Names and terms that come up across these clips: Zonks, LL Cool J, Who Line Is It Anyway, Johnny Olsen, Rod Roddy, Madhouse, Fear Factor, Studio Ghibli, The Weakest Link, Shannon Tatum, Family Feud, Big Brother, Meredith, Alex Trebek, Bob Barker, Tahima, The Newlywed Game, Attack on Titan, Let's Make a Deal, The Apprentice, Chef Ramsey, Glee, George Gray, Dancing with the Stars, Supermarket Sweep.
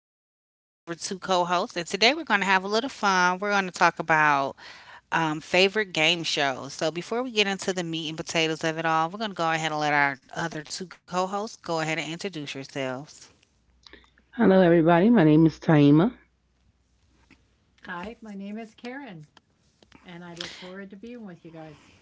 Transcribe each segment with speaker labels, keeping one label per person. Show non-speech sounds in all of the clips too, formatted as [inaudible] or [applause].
Speaker 1: I'm here with my favorite two co hosts, and today we're going to have a little fun. We're going to talk about favorite game shows. So, before we get into the meat and potatoes of it all, we're going to go ahead and let our other two co hosts go ahead and introduce yourselves.
Speaker 2: Hello, everybody. My name is Taima.
Speaker 3: Hi, my name is Karen, and I look forward to being with you guys.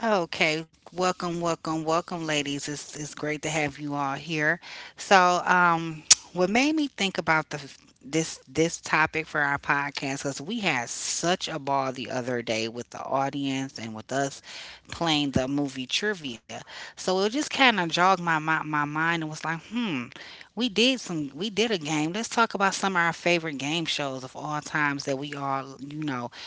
Speaker 1: Okay, welcome, welcome, welcome, ladies. It's great to have you all here. So, what made me think about the this this topic for our podcast because we had such a ball the other day with the audience and with us playing the movie trivia. So it just kind of jogged my mind and was like, hmm, we did a game. Let's talk about some of our favorite game shows of all times that we all, you know,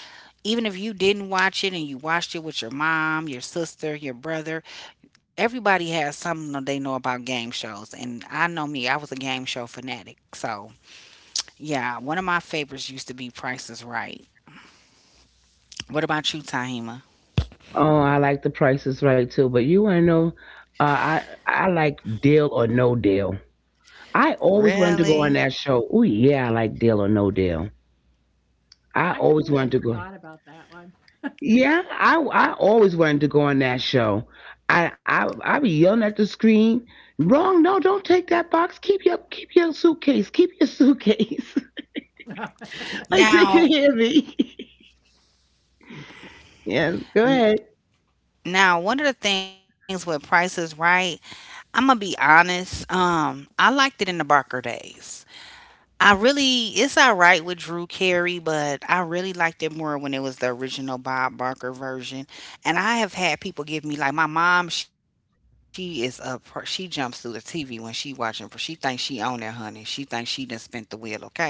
Speaker 1: even if you didn't watch it and you watched it with your mom, your sister, your brother, everybody has something that they know about game shows. And I know me, I was a game show fanatic. So, yeah, one of my favorites used to be Price is Right. What about you, Tahima?
Speaker 2: Oh, I like the Price is right too. But you want to know, uh, I like Deal or No Deal. I always wanted to go on
Speaker 1: Really?
Speaker 2: that show. Oh yeah, I like Deal or No Deal.
Speaker 3: I
Speaker 2: I
Speaker 3: completely
Speaker 2: always wanted to
Speaker 3: forgot
Speaker 2: go.
Speaker 3: about that one.
Speaker 2: Yeah, I always wanted to go on that show. I be yelling at the screen. Wrong. No, don't take that box. Keep your suitcase. Keep your suitcase.
Speaker 3: [laughs]
Speaker 2: [laughs] like they
Speaker 1: Now,
Speaker 2: can hear me. [laughs] Yes. Go
Speaker 1: n-
Speaker 2: ahead.
Speaker 1: Now one of the things with Price is Right, I'm gonna be honest. I liked it in the Barker days. I really, it's all right with Drew Carey, but I really liked it more when it was the original Bob Barker version. And I have had people give me like my mom. She is a she jumps through the TV when she watching. She thinks she own that, honey. She thinks she done spent the wheel. Okay,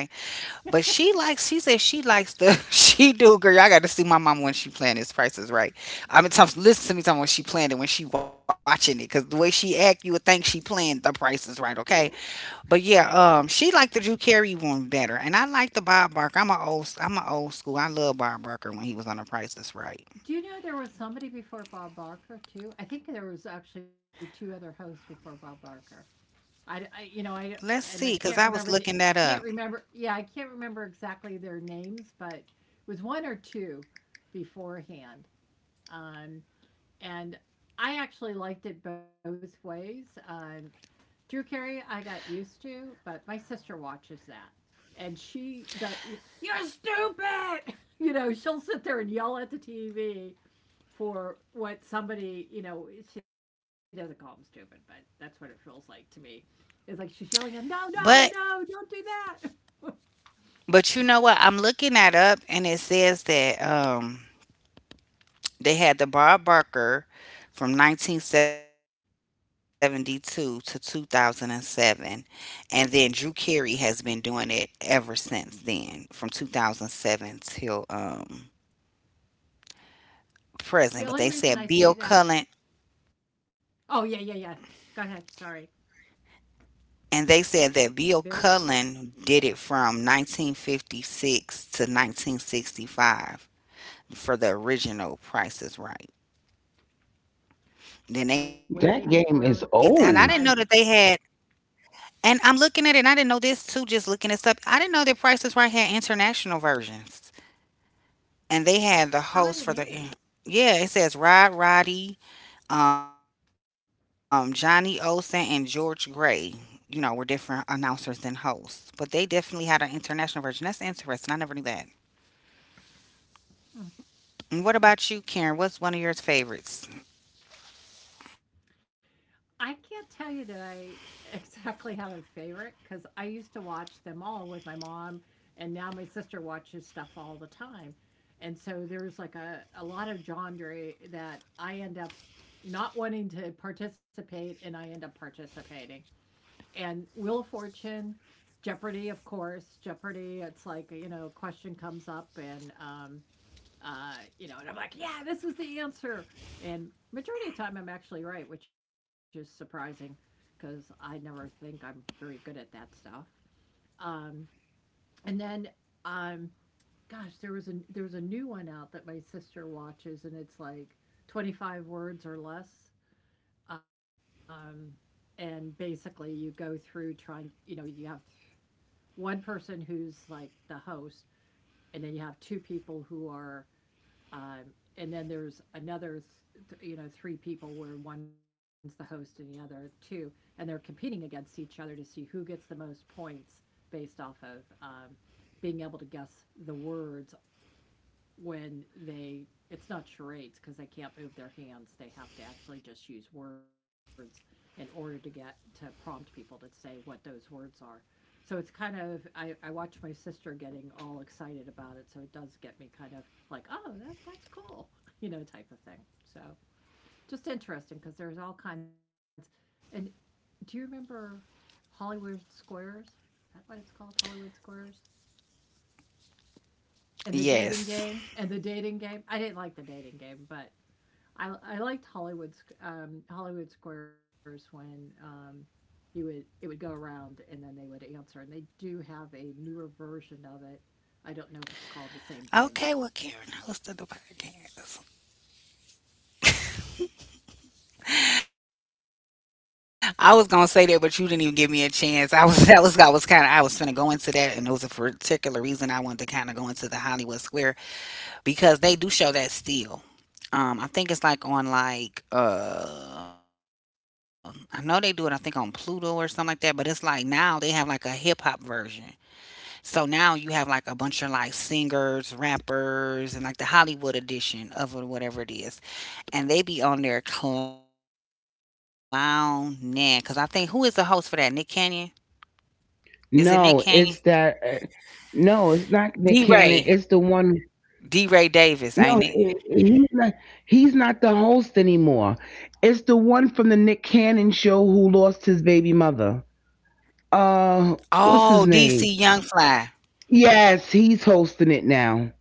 Speaker 1: but she likes. She says she likes the. [laughs] She do, girl. I got to see my mom when she playing this Price is Right. I mean, times listen to me time when she playing it when she watching it because the way she act, you would think she playing the Price is Right. Okay, but yeah,
Speaker 3: Right.
Speaker 1: she liked the Drew Carey one better, and I like the Bob Barker. I'm a old school. I love Bob Barker when he was on The Price is Right.
Speaker 3: Do you know there was somebody before Bob Barker too? I think there was actually 2 other hosts before Bob Barker. I, I- you know,
Speaker 1: Let's
Speaker 3: I
Speaker 1: see, cause I
Speaker 3: I
Speaker 1: was
Speaker 3: can't
Speaker 1: looking
Speaker 3: remember
Speaker 1: that
Speaker 3: the
Speaker 1: up.
Speaker 3: I can't remember exactly their names, but it was 1 or 2 beforehand. Um, and I actually liked it both ways. Drew Carey, I got used to, but my sister watches that, and she the you're stupid. [laughs] You know, she'll sit there and yell at the TV for what somebody, you know, she doesn't call him stupid, but that's what it feels like to me. It's like she's yelling at him, no, no,
Speaker 1: But
Speaker 3: no, don't do that. [laughs]
Speaker 1: but you know what? I'm looking that up, and it says that they had the Bob Barker from 1972 to 2007, and then Drew Carey has been doing it ever since then, from 2007 till
Speaker 3: The only reason I
Speaker 1: present. But
Speaker 3: say
Speaker 1: they
Speaker 3: that,
Speaker 1: said Bill Cullen
Speaker 3: oh, yeah, yeah, yeah. Go ahead. Sorry,
Speaker 1: and they said
Speaker 3: built
Speaker 1: that Bill Cullen did it from 1956 to 1965 for the original Price is Right.
Speaker 3: way
Speaker 2: That
Speaker 3: before
Speaker 1: Then they
Speaker 2: game
Speaker 1: and
Speaker 3: our
Speaker 2: is
Speaker 1: I didn't know
Speaker 3: time.
Speaker 1: that
Speaker 3: [laughs]
Speaker 1: they
Speaker 2: old.
Speaker 1: had. And I'm looking at it, and I didn't know this too. Just looking this up, I didn't know that Price is Right had international versions,
Speaker 3: Oh, I
Speaker 1: and they
Speaker 3: didn't
Speaker 1: had
Speaker 3: either.
Speaker 1: the host for the. Yeah, it says Rod Roddy, Johnny Olsen and George Gray, you know, were different announcers and hosts, but they definitely had an international version. That's interesting. I never knew that.
Speaker 3: Mm-hmm.
Speaker 1: And what about you, Karen? What's one of your favorites?
Speaker 3: I can't tell you that I [laughs] exactly have a favorite because I used to watch them all with my mom, and now my sister watches stuff all the time. And so there's like a lot of genre that I end up not wanting to participate, and I end up participating. And Wheel of Fortune, Jeopardy, of course. Jeopardy, it's like, you know, question comes up, and Uh, you know, and I'm like, yeah, this is the answer. And majority of the time, I'm actually right, which is surprising because I never think I'm very good at that stuff. Um, and then, um, gosh, there was a new one out that my sister watches, and it's like 25 words or less. Um, and basically, you go through trying. You know, you have one person who's like the host, and then you have two people who are Um, and then there's you know, three people where one's the host and the other two, and they're competing against each other to see who gets the most points based off of being able to guess the words, when they, it's not charades because they can't move their hands, they have to actually just use words in order to get to prompt people to say what those words are. So it's kind of I watch my sister getting all excited about it, so it does get me kind of like, oh, that's cool. [laughs] You know, type of thing. So just interesting because there's all kinds. And do you remember Hollywood Squares? Is that what it's called, Hollywood Squares? And the dating game, and the dating game. I
Speaker 1: Yes.
Speaker 3: didn't like the dating game, but I liked Hollywood Squares when you would, it would go around and then they would answer, and they do have a newer version of it. I don't know if it's called the same thing.
Speaker 1: Okay, well, Karen hosted the podcast. I was gonna say that, but you didn't even give me a chance. I was [laughs] that was I was finna go into that, and there was a particular reason I wanted to kind of go into the Hollywood Square because they do show that still. I think it's like on like I know they do it. I think on Pluto or something like that. But it's like now they have like a hip hop version. So now you have like a bunch of like singers, rappers, and like the Hollywood edition of it, whatever it is, and they be on there clowning. Cause I think who is the host for that? Nick Canyon? Is it Nick
Speaker 2: No,
Speaker 1: Canyon?
Speaker 2: it's that. No, it's not
Speaker 1: D
Speaker 2: Nick
Speaker 1: Ray,
Speaker 2: Cannon. It's the one.
Speaker 1: D Ray Davis,
Speaker 2: No,
Speaker 1: ain't it?
Speaker 2: he's not. He's not the host anymore. It's the one from the Nick Cannon show who lost his baby mother. Uh,
Speaker 1: Oh,
Speaker 2: what's
Speaker 1: DC
Speaker 2: his
Speaker 1: Young
Speaker 2: name?
Speaker 1: Fly.
Speaker 2: Yes, he's hosting it now.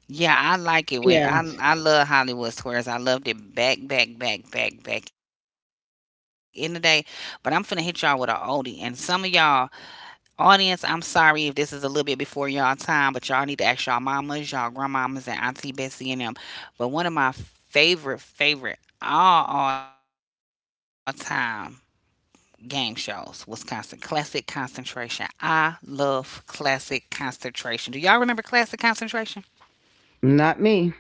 Speaker 1: Yeah, I like it when I
Speaker 2: Yes,
Speaker 1: I love Hollywood Squares. I loved it back in the day. But I'm finna hit y'all with an oldie. And some of y'all audience, I'm sorry if this is a little bit before y'all time, but y'all need to ask y'all mamas, y'all grandmamas, and Auntie Bessie and them. But one of my favorite all time game shows was constant classic concentration. I love classic concentration. Do y'all remember classic concentration?
Speaker 2: not me.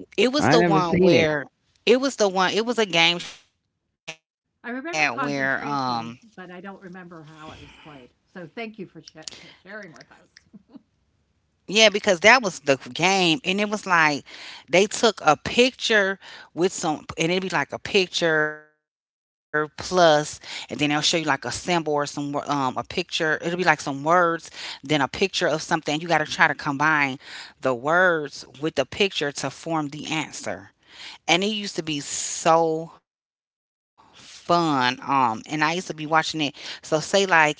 Speaker 1: It was the
Speaker 2: I never
Speaker 1: one
Speaker 2: seen it.
Speaker 1: where it was a game show they had
Speaker 3: I
Speaker 1: where
Speaker 3: remember concentration, but I don't remember how it was played. So thank you for sharing with us.
Speaker 1: yeah because that was the game and it was like they took a picture with some and it'd be like a picture plus and then they'll show you like a symbol or some a picture, it'll be like some words, then a picture of something. You got to try to combine the words with the picture to form the answer, and it used to be so fun. And I used to be watching it. So say like if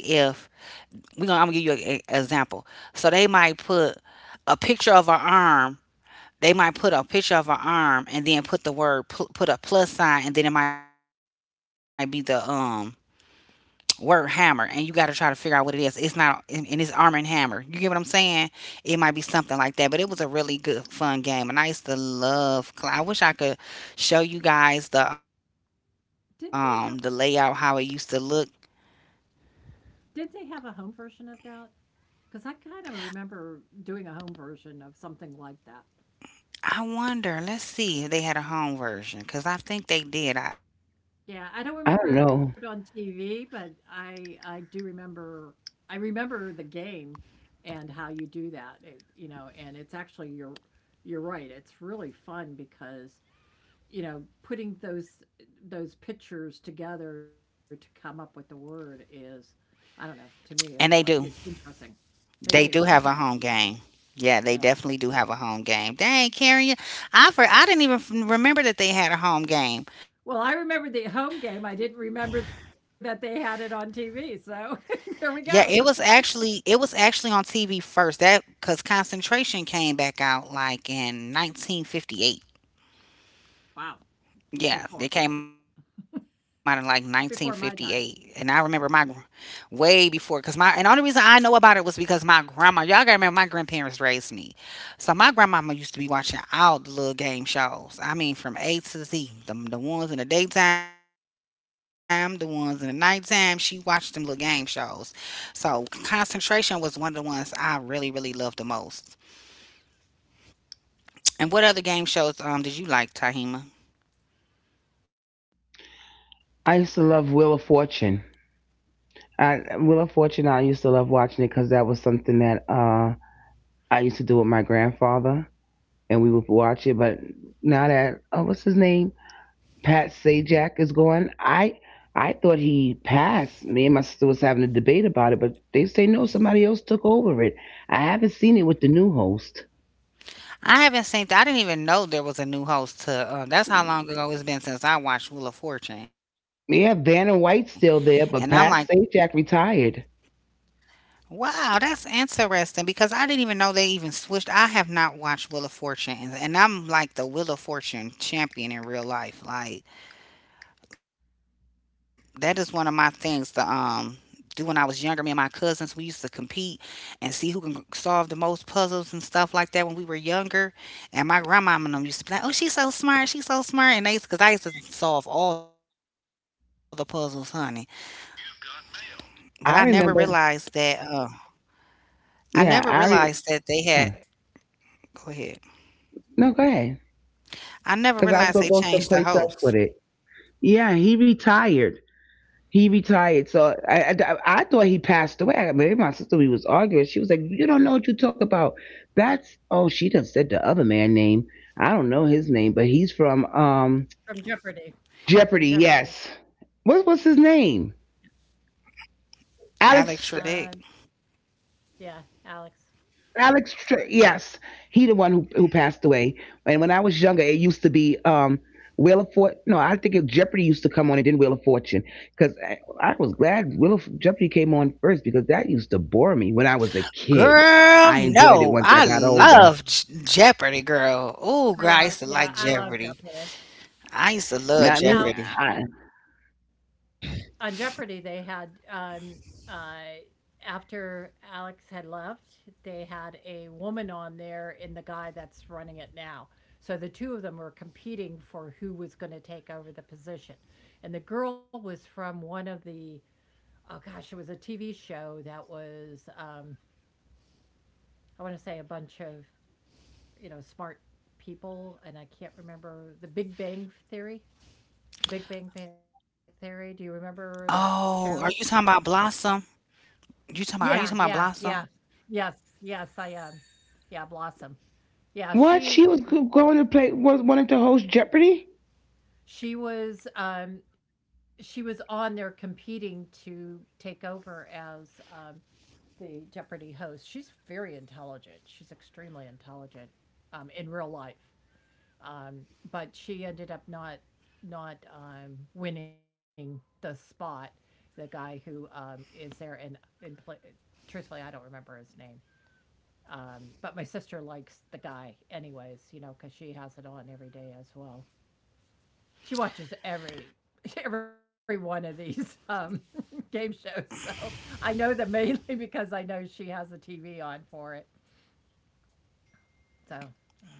Speaker 1: I'm gonna give you an example. So they might put a picture of an arm. They might put a picture of an arm and then put the put a plus sign, and then it might be the word hammer, and you got to try to figure out what it is. It's not, and it's armor and hammer, you get what I'm saying. It might be something like that, but it was a really good fun game and I used to love. I wish I could show you guys the layout how it
Speaker 3: [laughs] Didn't
Speaker 1: used to
Speaker 3: they
Speaker 1: look.
Speaker 3: Didn't they have a home version of that? Because I kind of remember doing a home version of something like that.
Speaker 1: I wonder, let's see if they had a home version, because I think they did.
Speaker 3: Yeah, I don't
Speaker 2: I don't
Speaker 3: remember it on
Speaker 2: know.
Speaker 3: TV, but I do remember, I remember the game and how you do that. It, you know, and it's actually you're right. It's really fun because, you know, putting those pictures together to come up with the word is, I don't
Speaker 1: And
Speaker 3: know.
Speaker 1: they
Speaker 3: To me, it's like it, interesting.
Speaker 1: do
Speaker 3: They
Speaker 1: have a
Speaker 3: do,
Speaker 1: home
Speaker 3: okay.
Speaker 1: game. Yeah, they definitely do
Speaker 3: Yeah.
Speaker 1: have a home game. Dang, Karen, you- I for I didn't even remember that they had a home game.
Speaker 3: Well, I remember the home game. I didn't remember that they had it on TV. So [laughs] there we
Speaker 1: Yeah, it
Speaker 3: go.
Speaker 1: was actually on TV first. That because Concentration came back out like in 1958.
Speaker 3: Wow.
Speaker 1: Yeah, they
Speaker 3: Before
Speaker 1: came out in like 1958,
Speaker 3: Before
Speaker 1: and
Speaker 3: my
Speaker 1: I
Speaker 3: time.
Speaker 1: remember my way before because my and the only reason I know about it was because my grandma. Y'all gotta remember my grandparents raised me, so my grandmama used to be watching all the little game shows. I mean, from A to Z, the ones in the daytime, the ones in the nighttime. She watched them little game shows. So concentration was one of the ones I really really loved the most. And what other game shows did you like, Tahima?
Speaker 2: I used to love Wheel of Fortune. Wheel of Fortune. I used to love watching it because that was something that I used to do with my grandfather and we would watch it. But now that oh, what's his name, Pat Sajak is gone, I thought he passed. Me and my sister was having a debate about it, but they say no, somebody else took over it. I haven't seen it with the new host.
Speaker 1: I haven't seen that. I didn't even know there was a new host to. That's how long ago it's been since I watched Wheel of Fortune, and
Speaker 2: Yeah,
Speaker 1: I'm like,
Speaker 2: Vanna White's still there, but Pat Sajak retired.
Speaker 1: wow, that's interesting because I didn't even know they even switched. I have not watched Wheel of Fortune, and I'm like the Wheel of Fortune champion in real life. Like that is one of my things to do when I was younger. Me and my cousins, we used to compete and see who can solve the most puzzles and stuff like that when we were younger. And my grandmama and them used to be like, "Oh, she's so smart," and they used because I used to solve all the puzzles, honey. But I never realized
Speaker 2: I
Speaker 1: that.
Speaker 2: remember.
Speaker 1: I never
Speaker 2: Yeah,
Speaker 1: realized that they had.
Speaker 2: oh,
Speaker 1: Go ahead.
Speaker 2: no go ahead
Speaker 1: I never
Speaker 2: because I
Speaker 1: realized
Speaker 2: was
Speaker 1: they
Speaker 2: gonna go
Speaker 1: changed the
Speaker 2: someplace else
Speaker 1: host,
Speaker 2: with it. Yeah, he retired. He retired,
Speaker 3: Yeah,
Speaker 2: so I thought he passed away. I mean, my sister, we was arguing. She was like, "You don't know what you talk about." That's oh, she done said the other man name. I don't know his name, but he's from
Speaker 3: from Jeopardy. From
Speaker 2: Jeopardy.
Speaker 3: Jeopardy.
Speaker 2: Yes, what was his name?
Speaker 1: Alex Trebek.
Speaker 3: Um,
Speaker 2: Yes,
Speaker 3: yeah,
Speaker 2: he the one
Speaker 3: Alex.
Speaker 2: who passed away. And when I was younger, it used to be Wheel of Fortune. No, I think it, Jeopardy used to come on and then Wheel of Fortune because I was glad Wheel of Jeopardy came on first because that used to bore me when I was a kid. I enjoyed
Speaker 1: Girl,
Speaker 2: it once I got
Speaker 1: no. I
Speaker 2: older.
Speaker 1: love Jeopardy, girl. Oh,
Speaker 3: I
Speaker 1: girl, I
Speaker 3: love,
Speaker 1: used to
Speaker 3: yeah,
Speaker 1: like
Speaker 3: I love
Speaker 1: Jeopardy.
Speaker 3: Jeopardy.
Speaker 1: I used to love
Speaker 2: Not me.
Speaker 3: Now
Speaker 1: Jeopardy.
Speaker 3: on Jeopardy, they had uh, after Alex had left, they had a woman on there and the guy that's running it now. So the two of them were competing for who was going to take over the position, and the girl was from one of the, oh gosh, it was a TV show that was I want to say a bunch of, you know, smart people, and I can't remember, the Big Bang Theory. The Big Bang Theory. Do you
Speaker 1: Oh, are you talking
Speaker 3: remember
Speaker 1: about
Speaker 3: that show?
Speaker 1: Blossom? Are you talking about Blossom?
Speaker 3: Yeah, yeah, yeah. Yes, yes, I am. Yeah, Blossom.
Speaker 2: What
Speaker 3: Yeah,
Speaker 2: she was go-
Speaker 3: she
Speaker 2: going to play was wanted to host Jeopardy.
Speaker 3: she was, she was on there competing to take over as, the Jeopardy host. She's very intelligent. She's extremely intelligent, in real life. But she ended up not, winning the spot. The guy who, is there and in play. Truthfully, I don't remember his name. But my sister likes the guy, anyways, you know, because she has it on every day as well. She watches every [laughs] every one of these [laughs] game shows, so I know that mainly [laughs] because I know she has the TV on for it. So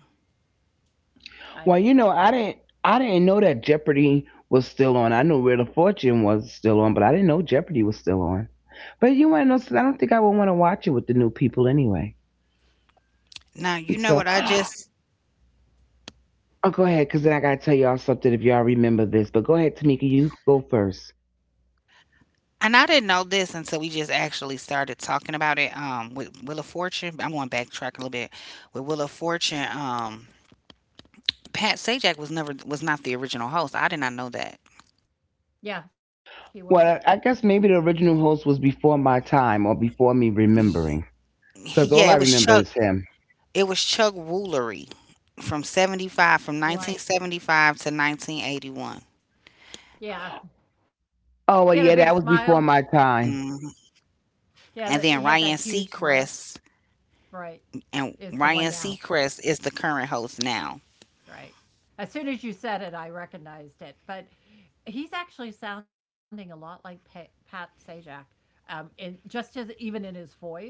Speaker 2: Well, you know,
Speaker 3: I,
Speaker 2: I didn't know that Jeopardy was still on. I knew Wheel of Fortune was still on, but I didn't know Jeopardy was still on. But you want to know something? I don't think I would want to watch it with the new people anyway.
Speaker 1: Now, you know
Speaker 2: So,
Speaker 1: what
Speaker 2: [gasps]
Speaker 1: I
Speaker 2: oh,
Speaker 1: just,
Speaker 2: go ahead, because then I gotta tell y'all something if y'all remember this. But go ahead, Tamika, you go first.
Speaker 1: and I didn't know this until we just actually started talking about it with Wheel of Fortune. I'm going backtrack a little bit. With Wheel of Fortune, Pat Sajak was not the original host. I did not know that.
Speaker 3: yeah, he wasn't.
Speaker 2: Well, I guess maybe the original host was before my time or before me
Speaker 1: Ye-
Speaker 2: remembering, because
Speaker 1: Yeah, it
Speaker 2: all
Speaker 1: was
Speaker 2: I
Speaker 1: Chuck.
Speaker 2: remember is him.
Speaker 1: It was Chuck Woolery from
Speaker 3: Right.
Speaker 1: 1975 to 1981.
Speaker 3: Yeah, he had a
Speaker 2: Oh well,
Speaker 3: big
Speaker 2: yeah, that was
Speaker 3: smile.
Speaker 1: Hmm.
Speaker 2: before my time.
Speaker 1: And then Ryan
Speaker 3: He had that
Speaker 1: Seacrest
Speaker 3: huge smile. Right,
Speaker 1: and
Speaker 3: is the
Speaker 1: Ryan
Speaker 3: one now.
Speaker 1: Seacrest is the current host now.
Speaker 3: Right. As soon as you said it, I recognized it. But he's actually sounding a lot like Pat Sajak, in just, as even in his voice.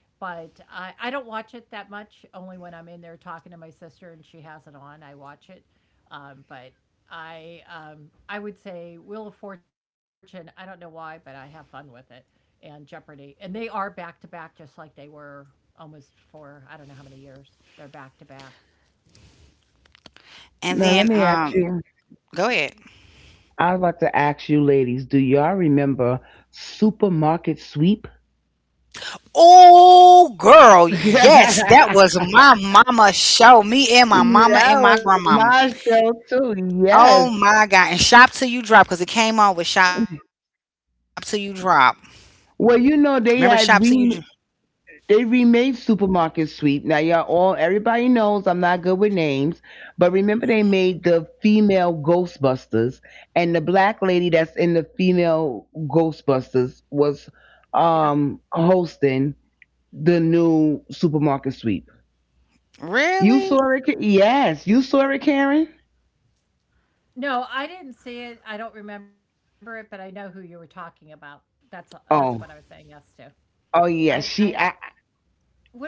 Speaker 3: But I don't watch it that much. Only when I'm in there talking to my sister and she has it on, I watch it. But I would say Wheel of Fortune. I don't know why, but I have fun with it, and Jeopardy, and they are back to back, just like they were almost for, I don't know how many years. They're back to back.
Speaker 2: Now
Speaker 1: And
Speaker 2: let me
Speaker 1: then
Speaker 2: ask you.
Speaker 1: go ahead.
Speaker 2: I was about to ask you ladies, do y'all remember Supermarket Sweep?
Speaker 1: Oh
Speaker 2: [laughs]
Speaker 1: girl, yes, that
Speaker 2: That
Speaker 1: was my mama show. Me and my mama and my
Speaker 2: was
Speaker 1: grandmama.
Speaker 2: my show too.
Speaker 1: Oh
Speaker 2: Yes.
Speaker 1: my god. And Shop Till You Drop because it came on with Shop Till You Drop. Remember
Speaker 2: Well,
Speaker 1: Shop Till
Speaker 2: you
Speaker 1: You
Speaker 2: know
Speaker 1: Drop?
Speaker 2: they had they remade Supermarket Sweep. Now y'all all everybody knows I'm not good with names, but remember they made the female Ghostbusters and the black lady that's in the female Ghostbusters was hosting the new Supermarket Sweep. You
Speaker 1: Really?
Speaker 2: saw it. Yes, you saw it, Karen.
Speaker 3: No, I didn't see it. I don't remember it, but I know who you were talking about. That's what I
Speaker 2: Oh,
Speaker 3: was saying yes to.
Speaker 2: oh yeah. She.
Speaker 3: I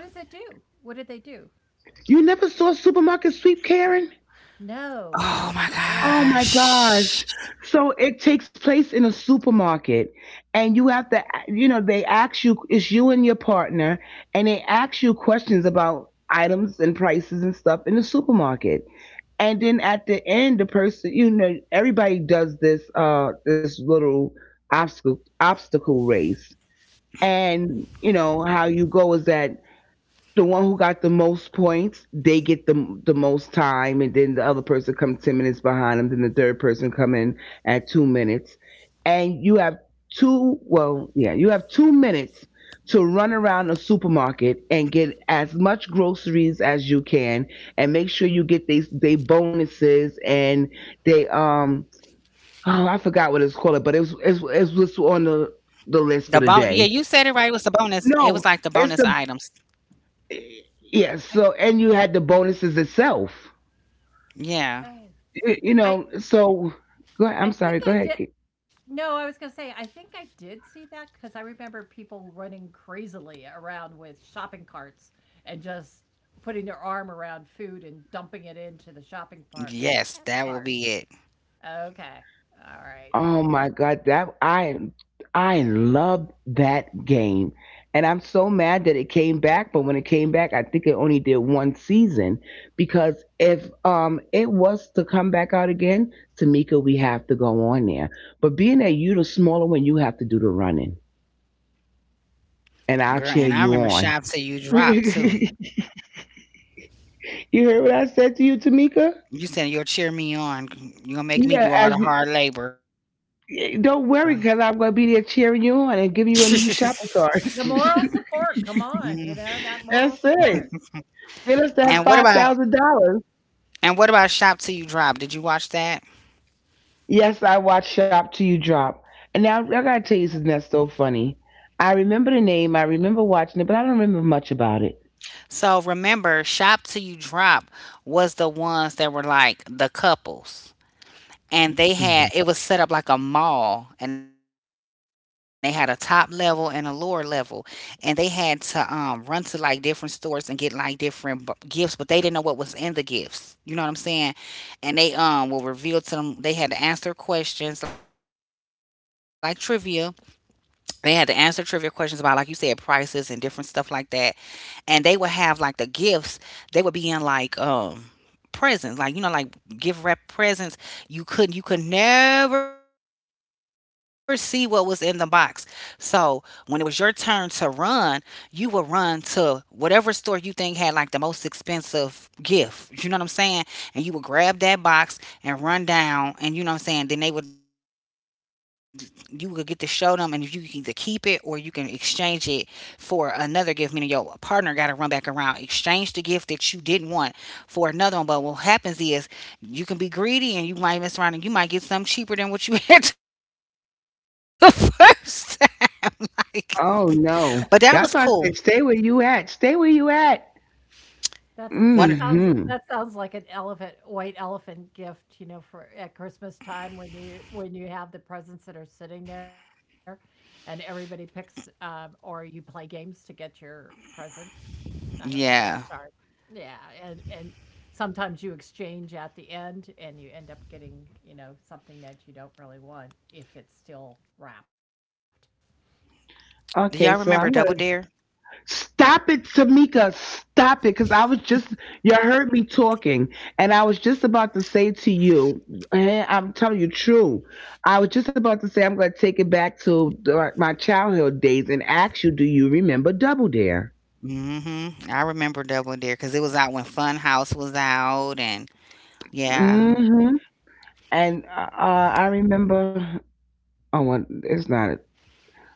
Speaker 3: What does it do? What did they do?
Speaker 2: You never saw supermarket sweep, Karen.
Speaker 1: Oh
Speaker 3: No.
Speaker 1: my
Speaker 2: Oh my
Speaker 3: No.
Speaker 2: gosh.
Speaker 1: gosh.
Speaker 2: So it takes place in a supermarket and you have to you know they ask you it's you and your partner and they ask you questions about items and prices and stuff in the supermarket. And then at the end the person you know everybody does this this little obstacle race and you know how you go is that the one who got the most points, they get the most time, and then the other person comes 10 minutes behind them. Then the third person come in at 2 minutes, and you have two. Well, yeah, you have 2 minutes to run around a supermarket and get as much groceries as you can, and make sure you get these they bonuses and they oh I forgot what it's called, but it was
Speaker 1: The
Speaker 2: on
Speaker 1: bon Yeah, you said
Speaker 2: the
Speaker 1: it right. It
Speaker 2: list for
Speaker 1: was a
Speaker 2: the day.
Speaker 1: bonus. It was like the bonus
Speaker 2: No,
Speaker 1: items.
Speaker 2: it's the yeah, so
Speaker 3: I
Speaker 2: and you had the bonuses itself.
Speaker 1: Yeah.
Speaker 3: oh.
Speaker 2: You know,
Speaker 3: I
Speaker 2: so go ahead, I'm
Speaker 3: I
Speaker 2: sorry, go
Speaker 3: think
Speaker 2: ahead.
Speaker 3: I did, no, I was gonna say, I think I did see that because I remember people running crazily around with shopping carts and just putting their arm around food and dumping it into the shopping part
Speaker 1: Yes, that will be
Speaker 3: cart.
Speaker 1: it.
Speaker 3: Okay. All right.
Speaker 2: Oh my God, that I loved that game. And I'm so mad that it came back, but when it came back, I think it only did one season because if it was to come back out again, Tamika, we have to go on there. But being that you the smaller one, you have to do the running.
Speaker 1: Girl, and I
Speaker 2: And I'll
Speaker 1: remember
Speaker 2: cheer
Speaker 1: shops that
Speaker 2: you
Speaker 1: you
Speaker 2: on.
Speaker 1: dropped
Speaker 2: [laughs]
Speaker 1: too.
Speaker 2: You heard what I said to you, Tamika?
Speaker 1: You said you'll cheer me on. You're gonna make me do
Speaker 2: Yeah,
Speaker 1: all the
Speaker 2: as
Speaker 1: hard labor.
Speaker 2: you don't worry, because I'm going to be there cheering you on and giving you a
Speaker 1: [laughs]
Speaker 2: new shopping cart.
Speaker 3: The moral
Speaker 1: Mm.
Speaker 3: support, come on, you know,
Speaker 2: [laughs]
Speaker 3: that
Speaker 2: That's
Speaker 3: moral
Speaker 2: it.
Speaker 3: support.
Speaker 2: Get
Speaker 1: And
Speaker 2: us
Speaker 1: what
Speaker 2: that
Speaker 1: about
Speaker 3: Yeah,
Speaker 2: $5,000.
Speaker 1: and what about Shop Till You Drop? Did you watch that?
Speaker 2: Yes, I watched Shop Till You Drop. And now I
Speaker 3: yep.
Speaker 2: gotta tell you something that's so funny. I remember the name, I remember watching it, but I don't remember much about it.
Speaker 1: So remember, Shop Till You Drop was the ones that were like the couples, and they had— it was set up like a mall, and they had a top level and a lower level, and they had to run to like different stores and get like different gifts, but they didn't know what was in the gifts. You know what I'm saying? And they will reveal to them. They had to answer questions like trivia. They had to answer trivia questions about, like you said, prices and different stuff like that. And they would have like the gifts. They would be in like presents, like, you know, like gift wrap presents. You couldn't— you could never see what was in the box. So when it was your turn to run, you would run to whatever store you think had like the most expensive gift. You know what I'm saying? And you would grab that box and run down, and then they would— you would get to show them, and if you can either keep it or you can exchange it for another gift, meaning your partner gotta run back around, exchange the gift that you didn't want for another one. But what happens is you can be greedy, and you might mess around and you might get something cheaper than what you [laughs] had the first time. [laughs] like,
Speaker 2: Oh no.
Speaker 1: but
Speaker 2: That's
Speaker 1: that
Speaker 2: why I
Speaker 1: was
Speaker 2: said stay
Speaker 1: cool.
Speaker 2: where you at. Stay where you at.
Speaker 3: That sounds,
Speaker 2: Mm-hmm.
Speaker 3: that sounds like
Speaker 1: One.
Speaker 3: an elephant, white elephant gift, you know, for at Christmas time when you have the presents that are sitting there, and everybody picks, or you play games to get your present. I don't know. Sorry.
Speaker 1: Yeah.
Speaker 3: Yeah, and sometimes you exchange at the end and you end up getting, you know, something that you don't really want if it's still wrapped.
Speaker 1: Do y'all remember
Speaker 2: Okay,
Speaker 1: Double
Speaker 2: so I'm
Speaker 1: Dare?
Speaker 2: gonna stop it, Tamika. Stop it. Because I was just, you heard me talking, and I was just about to say to you, and I'm telling you true. I was just about to say, I'm going to take it back to my childhood days and ask you, do you remember Double Dare?
Speaker 1: Mm-hmm. I remember Double Dare because it was out when Fun House was out, and yeah.
Speaker 2: Mm hmm And I remember, oh, well, it's not.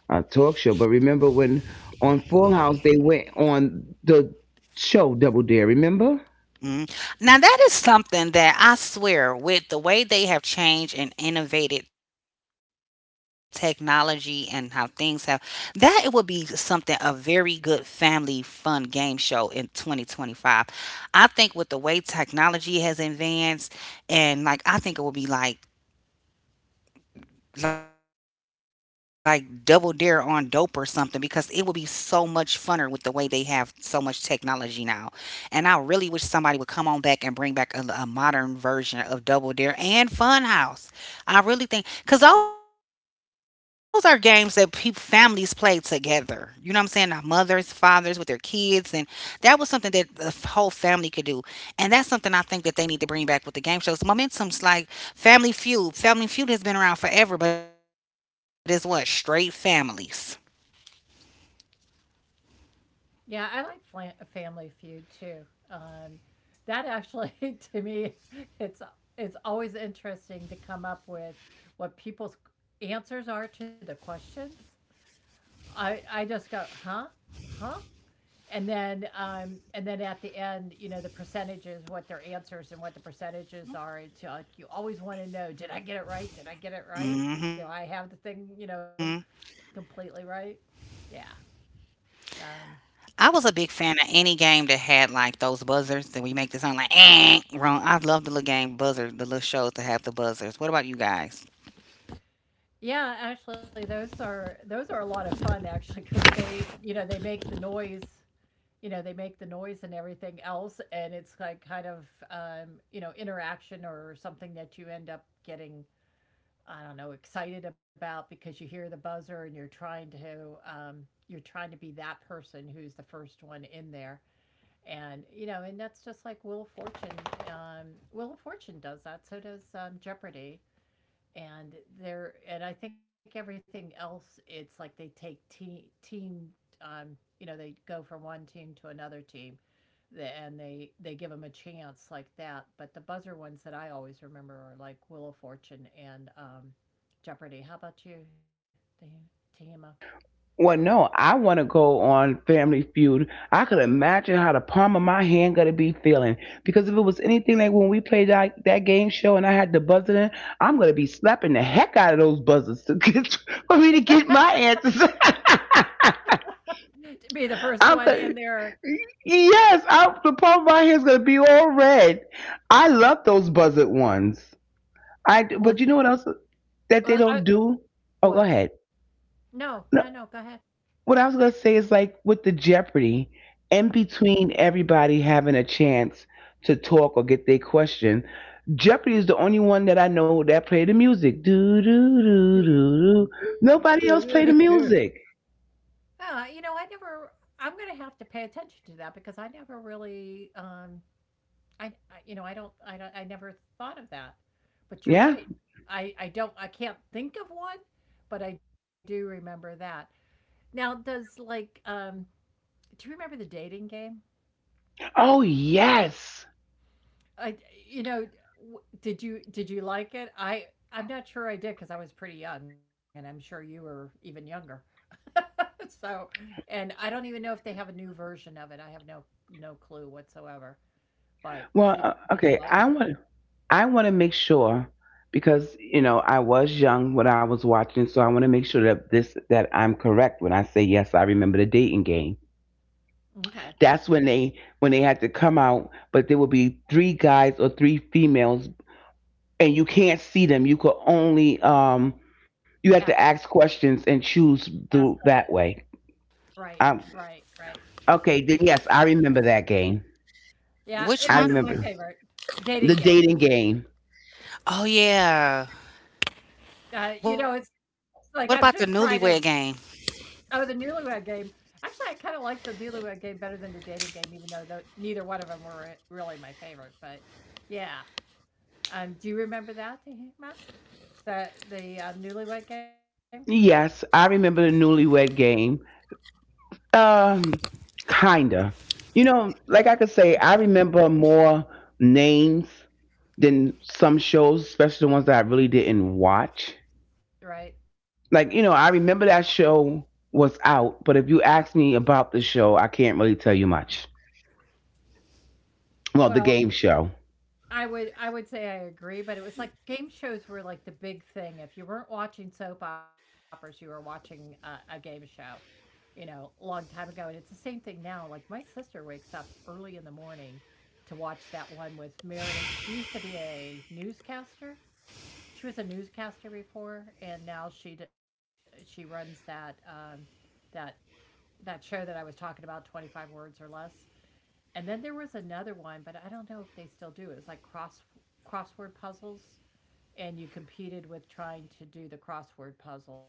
Speaker 2: Talk show. But remember when on Full House they went on the show Double Dare. Remember?
Speaker 1: Mm. Now, that is something that I swear, with the way they have changed and innovated technology and how things have, that it would be something— a very good family fun game show in 2025. I think with the way technology has advanced, and like, I think it would be like— like Double Dare on dope or something, because it would be so much funner with the way they have so much technology now. And I really wish somebody would come on back and bring back a modern version of Double Dare and Funhouse. I really think, 'cause those are games that people— families play together. You know what I'm saying? Our mothers, fathers with their kids, and that was something that the whole family could do. And that's something I think that they need to bring back with the game shows. Momentum's like Family Feud. Family Feud has been around forever, but it's what— straight families.
Speaker 3: Yeah, I like flan Family Feud too. That actually, [laughs] to me, it's it's always interesting to come up with what people's answers are to the questions. I just go, huh, huh, and then at the end, you know, the percentages, what their answers and what the percentages are. It's like you always want to know: did I get it right? Did I get it right? Do
Speaker 1: Hmm.
Speaker 3: I have the thing, you know, completely right? Yeah.
Speaker 1: I was a big
Speaker 3: Um,
Speaker 1: fan of any game that had like those buzzers, that where you make the sound like, eh, wrong. I love the little game buzzer, the little shows that have the buzzers. What about you guys?
Speaker 3: yeah, actually, those are a lot of fun actually because they, you know, they make the noise, you know, they make the noise and everything else, and it's like kind of, you know, interaction or something that you end up getting, I don't know, excited about because you hear the buzzer and you're trying to be that person who's the first one in there. And, you know, and that's just like Wheel of Fortune. Wheel of Fortune does that. So does Jeopardy, and they're and I think everything else, it's like they take team, um you know, they go from one team to another team, and they give them a chance like that, but the buzzer ones that I always remember are like Wheel of Fortune and Jeopardy. How about you, Tam-
Speaker 2: Well, no, I want to go on Family Feud. I could imagine how the palm of my hand gonna be feeling because if it was anything like when we played that game show and I had the buzzer in, I'm gonna be slapping the heck out of those buzzers to get, [laughs] for me to get my answers. [laughs]
Speaker 3: to be the first one
Speaker 2: I'm
Speaker 3: in
Speaker 2: gonna,
Speaker 3: there.
Speaker 2: yes, the palm of my hand's gonna be all red. I love those buzzard ones. But you know what else that they don't do? Oh, go
Speaker 3: What?
Speaker 2: ahead.
Speaker 3: No, no, no, go
Speaker 2: No,
Speaker 3: ahead.
Speaker 2: what I was gonna say is like with the Jeopardy, in between everybody having a chance to talk or get their question, Jeopardy is the only one that I know that play the music. Do do
Speaker 3: [laughs]
Speaker 2: do do
Speaker 3: uh,
Speaker 2: do. Nobody else play the music.
Speaker 3: you know, I never. I'm gonna have to pay attention to that because I never really I you know, I don't I never thought of that. But you're
Speaker 2: Yeah.
Speaker 3: right. I don't, I can't think of one, but I do remember that. Now, does like do you remember the dating game?
Speaker 2: Oh yes.
Speaker 3: I You know, did you did you like it? I'm not sure I did because I was pretty young and I'm sure you were even younger. [laughs] So, and I don't even know if they have a new version of it. I have no clue whatsoever.
Speaker 2: Well,
Speaker 3: But
Speaker 2: okay.
Speaker 3: did you like it?
Speaker 2: I want to make sure because you know I was young when I was watching, so I want to make sure that this that I'm correct when I say yes. I remember the dating game.
Speaker 3: Okay.
Speaker 2: That's when they had to come out, but there would be three guys or three females, and you can't see them. You could only you had to
Speaker 3: Ask
Speaker 2: ask questions and choose
Speaker 3: Ask
Speaker 2: through
Speaker 3: questions.
Speaker 2: that way.
Speaker 3: Right,
Speaker 2: um
Speaker 3: right, right.
Speaker 2: okay, then yes, I remember that game.
Speaker 1: Which
Speaker 3: Yeah,
Speaker 1: one?
Speaker 2: I
Speaker 3: it wasn't
Speaker 2: remember
Speaker 3: my favorite.
Speaker 2: the
Speaker 3: Dating game.
Speaker 2: dating game.
Speaker 1: Oh yeah. What
Speaker 3: You know,
Speaker 1: about the
Speaker 3: it's like I'm
Speaker 1: Newlywed
Speaker 3: just
Speaker 1: Game?
Speaker 3: trying to, oh, the Newlywed Game. Actually, I kind of like the Newlywed Game better than the Dating Game, even though tho neither one of them were re really my favorite. But yeah, do you remember that, Tehima? The Newlywed Game,
Speaker 2: Yes, I remember the newlywed game. um kinda, you know, like I could say I remember more names than some shows, especially the ones that I really didn't watch.
Speaker 3: right?
Speaker 2: Like, you know, I remember that show was out, but if you ask me about the show, I can't really tell you much. Well, the
Speaker 3: Well,
Speaker 2: game show.
Speaker 3: I would say I agree, but it was like game shows were like the big thing. If you weren't watching soap operas, you were watching a game show, you know, a long time ago. And it's the same thing now. Like my sister wakes up early in the morning to watch that one with Meredith. She used to be a newscaster. She was a newscaster before, and now she runs that that that show that I was talking about, 25 words or less. And then there was another one, but I don't know if they still do. It was like crossword puzzles, and you competed with trying to do the crossword puzzle.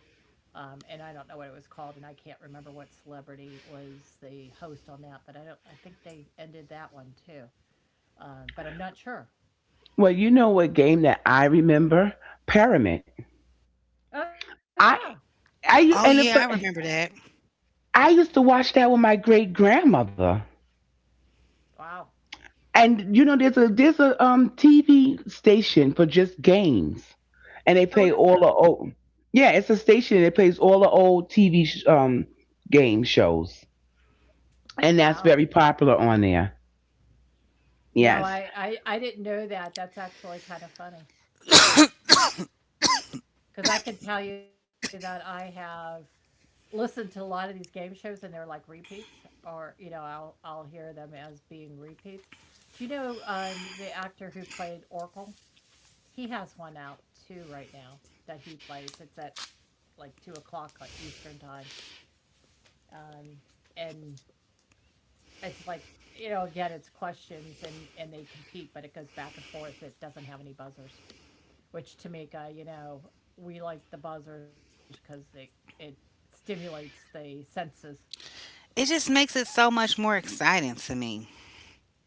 Speaker 3: And I don't know what it was called, and I can't remember what celebrity was the host on that. But I don't. I think they ended that one too, but I'm not sure.
Speaker 2: Well, you know what game that I remember? Pyramid.
Speaker 3: Oh yeah!
Speaker 1: Oh
Speaker 2: I
Speaker 1: yeah, I remember that.
Speaker 2: I and if I, I used to watch that with my great grandmother.
Speaker 3: Wow.
Speaker 2: And you know, there's a TV station for just games, and they
Speaker 3: Oh,
Speaker 2: play
Speaker 3: is
Speaker 2: all
Speaker 3: there?
Speaker 2: the old. Yeah, it's a station that plays all the old TV game shows, and that's
Speaker 3: Wow.
Speaker 2: very popular on there.
Speaker 3: No,
Speaker 2: Yes.
Speaker 3: I didn't know that. That's actually kind of funny because I can tell you that I have listen to a lot of these game shows, and they're like repeats, or you know I'll hear them as being repeats. Do you know the actor who played Oracle? He has one out too right now that he plays. It's at like 2 o'clock Eastern time. Um and it's like, you know, again, it's questions, and they compete, but it goes back and forth. It doesn't have any buzzers, which, Tamika, you know, we like the buzzers because it stimulates the senses.
Speaker 1: It just makes it so much more exciting to me.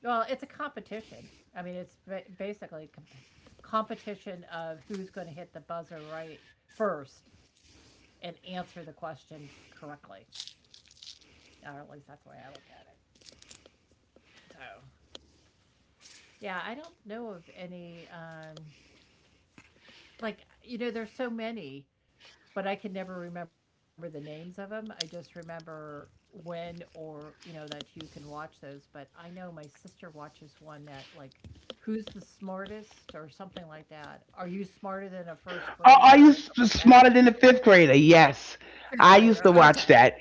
Speaker 3: Well, it's a competition. I mean, basically competition of who's going to hit the buzzer right first and answer the question correctly. Or at least that's the way I look at it. So, yeah, I don't know of any. Like you know, there's so many, but I can never remember the names of them. I just remember when, or, you know, that you can watch those, but I know my sister watches one that, like, who's the smartest or something like that. Are you smarter than a first grader
Speaker 2: Are
Speaker 3: or something like that?
Speaker 2: smarter than the 5th grader?
Speaker 3: Fifth
Speaker 2: Yes,
Speaker 3: grader.
Speaker 2: I
Speaker 3: Okay.
Speaker 2: used to watch that.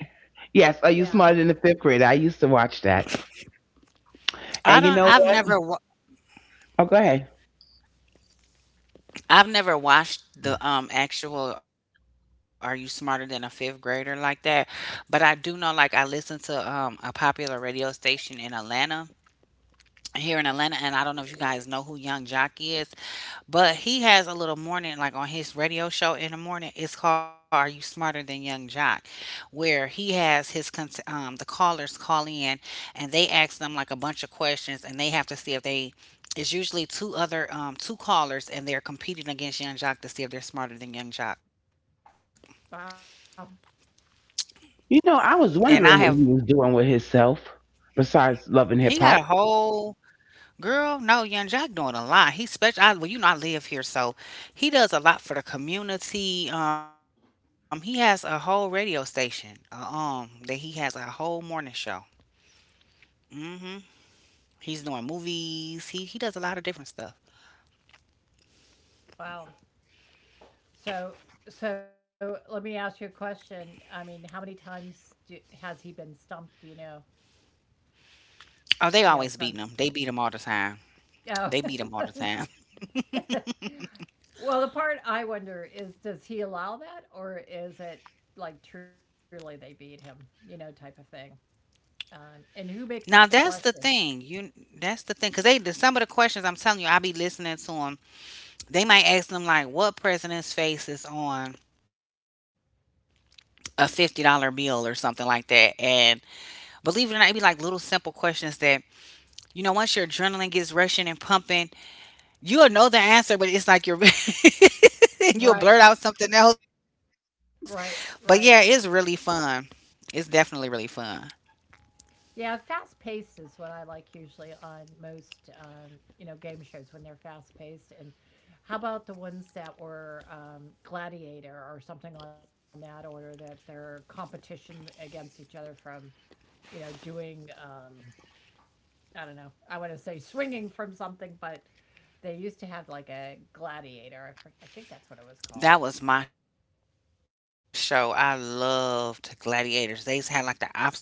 Speaker 2: Yes,
Speaker 3: Yeah.
Speaker 2: are you smarter than the 5th grader? I used to watch that.
Speaker 1: I
Speaker 2: And you
Speaker 1: don't.
Speaker 2: know
Speaker 1: I've
Speaker 2: what?
Speaker 1: never.
Speaker 2: Oh, go ahead.
Speaker 1: I've never watched the actual "Are You Smarter Than a Fifth Grader" like that, but I do know. Like, I listen to a popular radio station in Atlanta, here in Atlanta, and I don't know if you guys know who Young Jock is, but he has a little morning, like, on his radio show in the morning. It's called "Are You Smarter Than Young Jock," where he has his the callers call in, and they ask them like a bunch of questions, and they have to see if they— it's usually two other two callers, and they're competing against Young Jock to see if they're smarter than Young Jock.
Speaker 3: Wow.
Speaker 2: You
Speaker 1: And
Speaker 2: know,
Speaker 1: I
Speaker 2: I
Speaker 3: So,
Speaker 1: have—
Speaker 2: was wondering what he was doing with himself besides
Speaker 1: he got a
Speaker 2: loving hip hop.
Speaker 1: whole— girl, no, Young Jack doing a lot. He special. I, well, you know, I live here, so he does a lot for the community. He has a whole radio station. That he has a whole morning show. Mm hmm He's doing movies. He does a lot of different stuff.
Speaker 3: wow. So, so let me ask you a question. I mean, how many times has he been stumped, do you know?
Speaker 1: Oh, they
Speaker 3: You know,
Speaker 1: always
Speaker 3: from
Speaker 1: beating him.
Speaker 3: from
Speaker 1: They beat him all the time.
Speaker 3: oh.
Speaker 1: They beat him all the time. [laughs]
Speaker 3: [laughs] Well, the part I wonder is, does he allow that, or is it like truly they beat him, you know, type of thing? And who makes up the
Speaker 1: Now that's the
Speaker 3: question?
Speaker 1: thing. You— that's the thing, because they— some of the questions, I'm telling you, I be listening to them. They might ask them like, "What president's face is on a $50 meal?" or something like that. And believe it or not, it'd be like little simple questions that, you know, once your adrenaline gets rushing and pumping, you'll know the answer, but it's like you're, [laughs] and you'll
Speaker 3: Right,
Speaker 1: blurt out something else. But
Speaker 3: right,
Speaker 1: yeah, it's
Speaker 3: right.
Speaker 1: really fun. It's definitely really fun.
Speaker 3: Yeah, fast paced is what I like usually on most, you know, game shows, when they're fast paced. And how about the ones that were Gladiator or something on that order, that they're competition against each other from, you know, doing, I don't know, I want to say swinging from something, but they used to have like a gladiator. Think that's what it was called.
Speaker 1: That was my show. I loved Gladiators. They had like the obstacle course,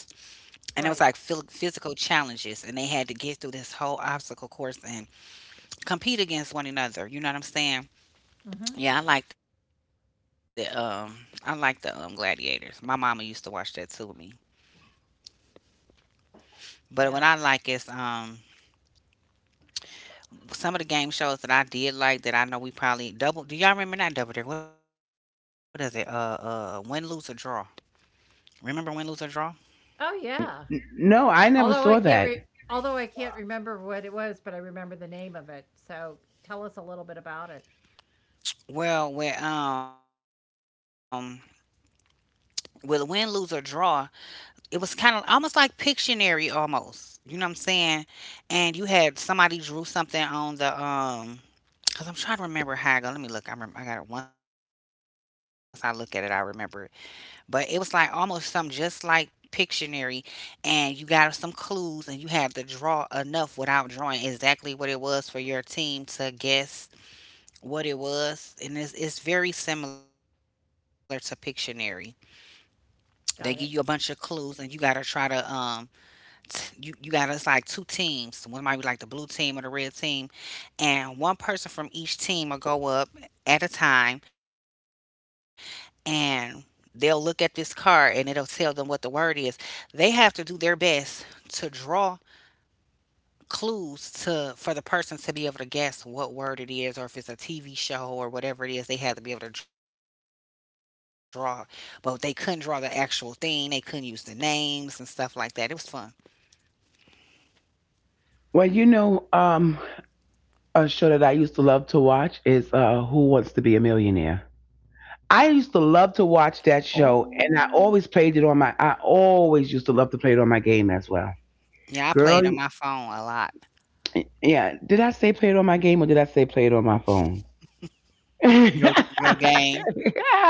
Speaker 1: and it was like
Speaker 3: Right.
Speaker 1: physical challenges, and they had to get through this whole obstacle course and compete against one another. You know what I'm saying?
Speaker 3: Mm-hmm.
Speaker 1: Yeah, I like the Gladiators. My mama used to watch that too with me.
Speaker 3: Yeah.
Speaker 1: But what I like is some of the game shows that I did like, that I know we probably— double— do y'all remember not Double Dare, what is it? Win, Lose or Draw. Remember Win, Lose or Draw?
Speaker 3: Oh yeah.
Speaker 2: No, I never
Speaker 3: Although I
Speaker 2: saw
Speaker 3: can't
Speaker 2: that.
Speaker 3: re- although I can't remember what it was, but I remember the name of it. So tell us a little bit about it.
Speaker 1: Well, where with a Win, Lose or Draw, it was kinda almost like Pictionary almost. You know what I'm saying? And you had somebody drew something on the 'cause I'm trying to remember how I go. Let me look. I remember. I got it. Once I look at it, I remember. But it was like almost something just like Pictionary, and you got some clues, and you had to draw enough without drawing exactly what it was for your team to guess what it was, and it's— it's very similar to Pictionary. They give
Speaker 3: Got
Speaker 1: you a
Speaker 3: it.
Speaker 1: bunch of clues, and you gotta try to You— you got— it's like two teams. One might be like the blue team or the red team, and one person from each team will go up at a time, and they'll look at this card and it'll tell them what the word is. They have to do their best to draw clues to— for the person to be able to guess what word it is, or if it's a TV show or whatever it is, they had to be able to draw, but they couldn't draw the actual thing. They couldn't use the names and stuff like that. It was fun.
Speaker 2: Well, you know, a show that I used to love to watch is Who Wants to Be a Millionaire. I used to love to watch that
Speaker 1: Oh.
Speaker 2: show, and I always played it on my. I always used to love to play it on my game as well. Girl,
Speaker 1: Yeah, I played on my phone a lot.
Speaker 2: yeah. Did I say play it on my game or did I say play it on my phone? [laughs] Yeah,
Speaker 1: Your— your game.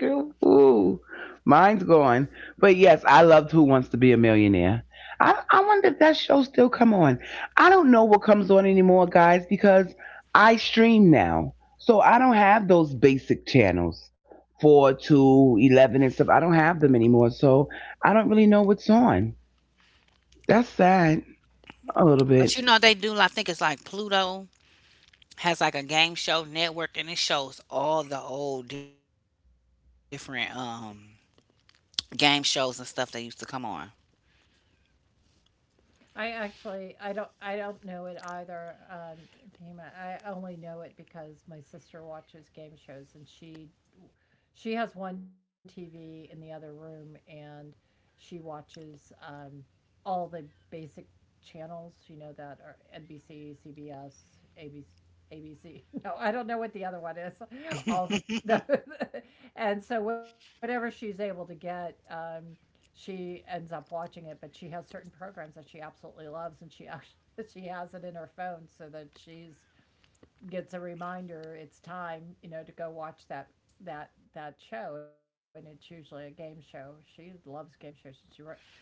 Speaker 2: cool, ooh, mine's gone. But yes, I loved Who Wants to Be a Millionaire. I wonder if that show still come on. I don't know what comes on anymore, guys, because I stream now, so I don't have those basic channels 4 to 11 and stuff. I don't have them anymore, so I don't really know what's on. That's sad a little bit.
Speaker 1: But you know, they do— I think it's like Pluto has like a game show network, and it shows all the old different game shows and stuff that used to come on.
Speaker 3: I actually I don't know it either, Tima. I only know it because my sister watches game shows, and she has one TV in the other room, and she watches all the basic channels, you know, that are NBC, CBS, ABC. [laughs] No, I don't know what the other one is. [laughs] All the, no. [laughs] And so whatever she's able to get, she ends up watching it, but she has certain programs that she absolutely loves, and she actually [laughs] she has it in her phone so that she's gets a reminder it's time, you know, to go watch that show, and it's usually a game show. She loves game shows. And she,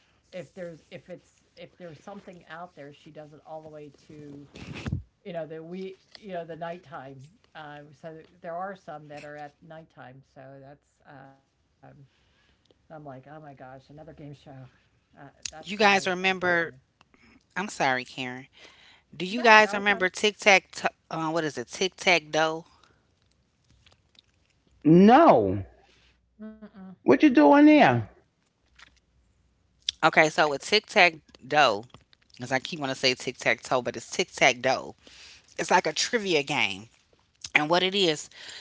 Speaker 3: if there's something out there, she does it all the way to, you know the, we you know, the nighttime. So there are some that are at nighttime, so that's, and I'm like, oh my gosh, another game show. That's my
Speaker 1: You
Speaker 3: you know.
Speaker 1: guys remember— I'm sorry, Karen.
Speaker 3: No, that was done.
Speaker 1: Do you guys remember Tic Tac what is it? Tic Tac Doe?
Speaker 2: No,
Speaker 3: Mm-mm,
Speaker 2: what you
Speaker 3: no,
Speaker 2: doing there?
Speaker 1: Okay, so with Tic Tac Doe, because I keep want to say Tic Tac Toe, but it's Tic Tac Doe. It's like a trivia game, and what it is,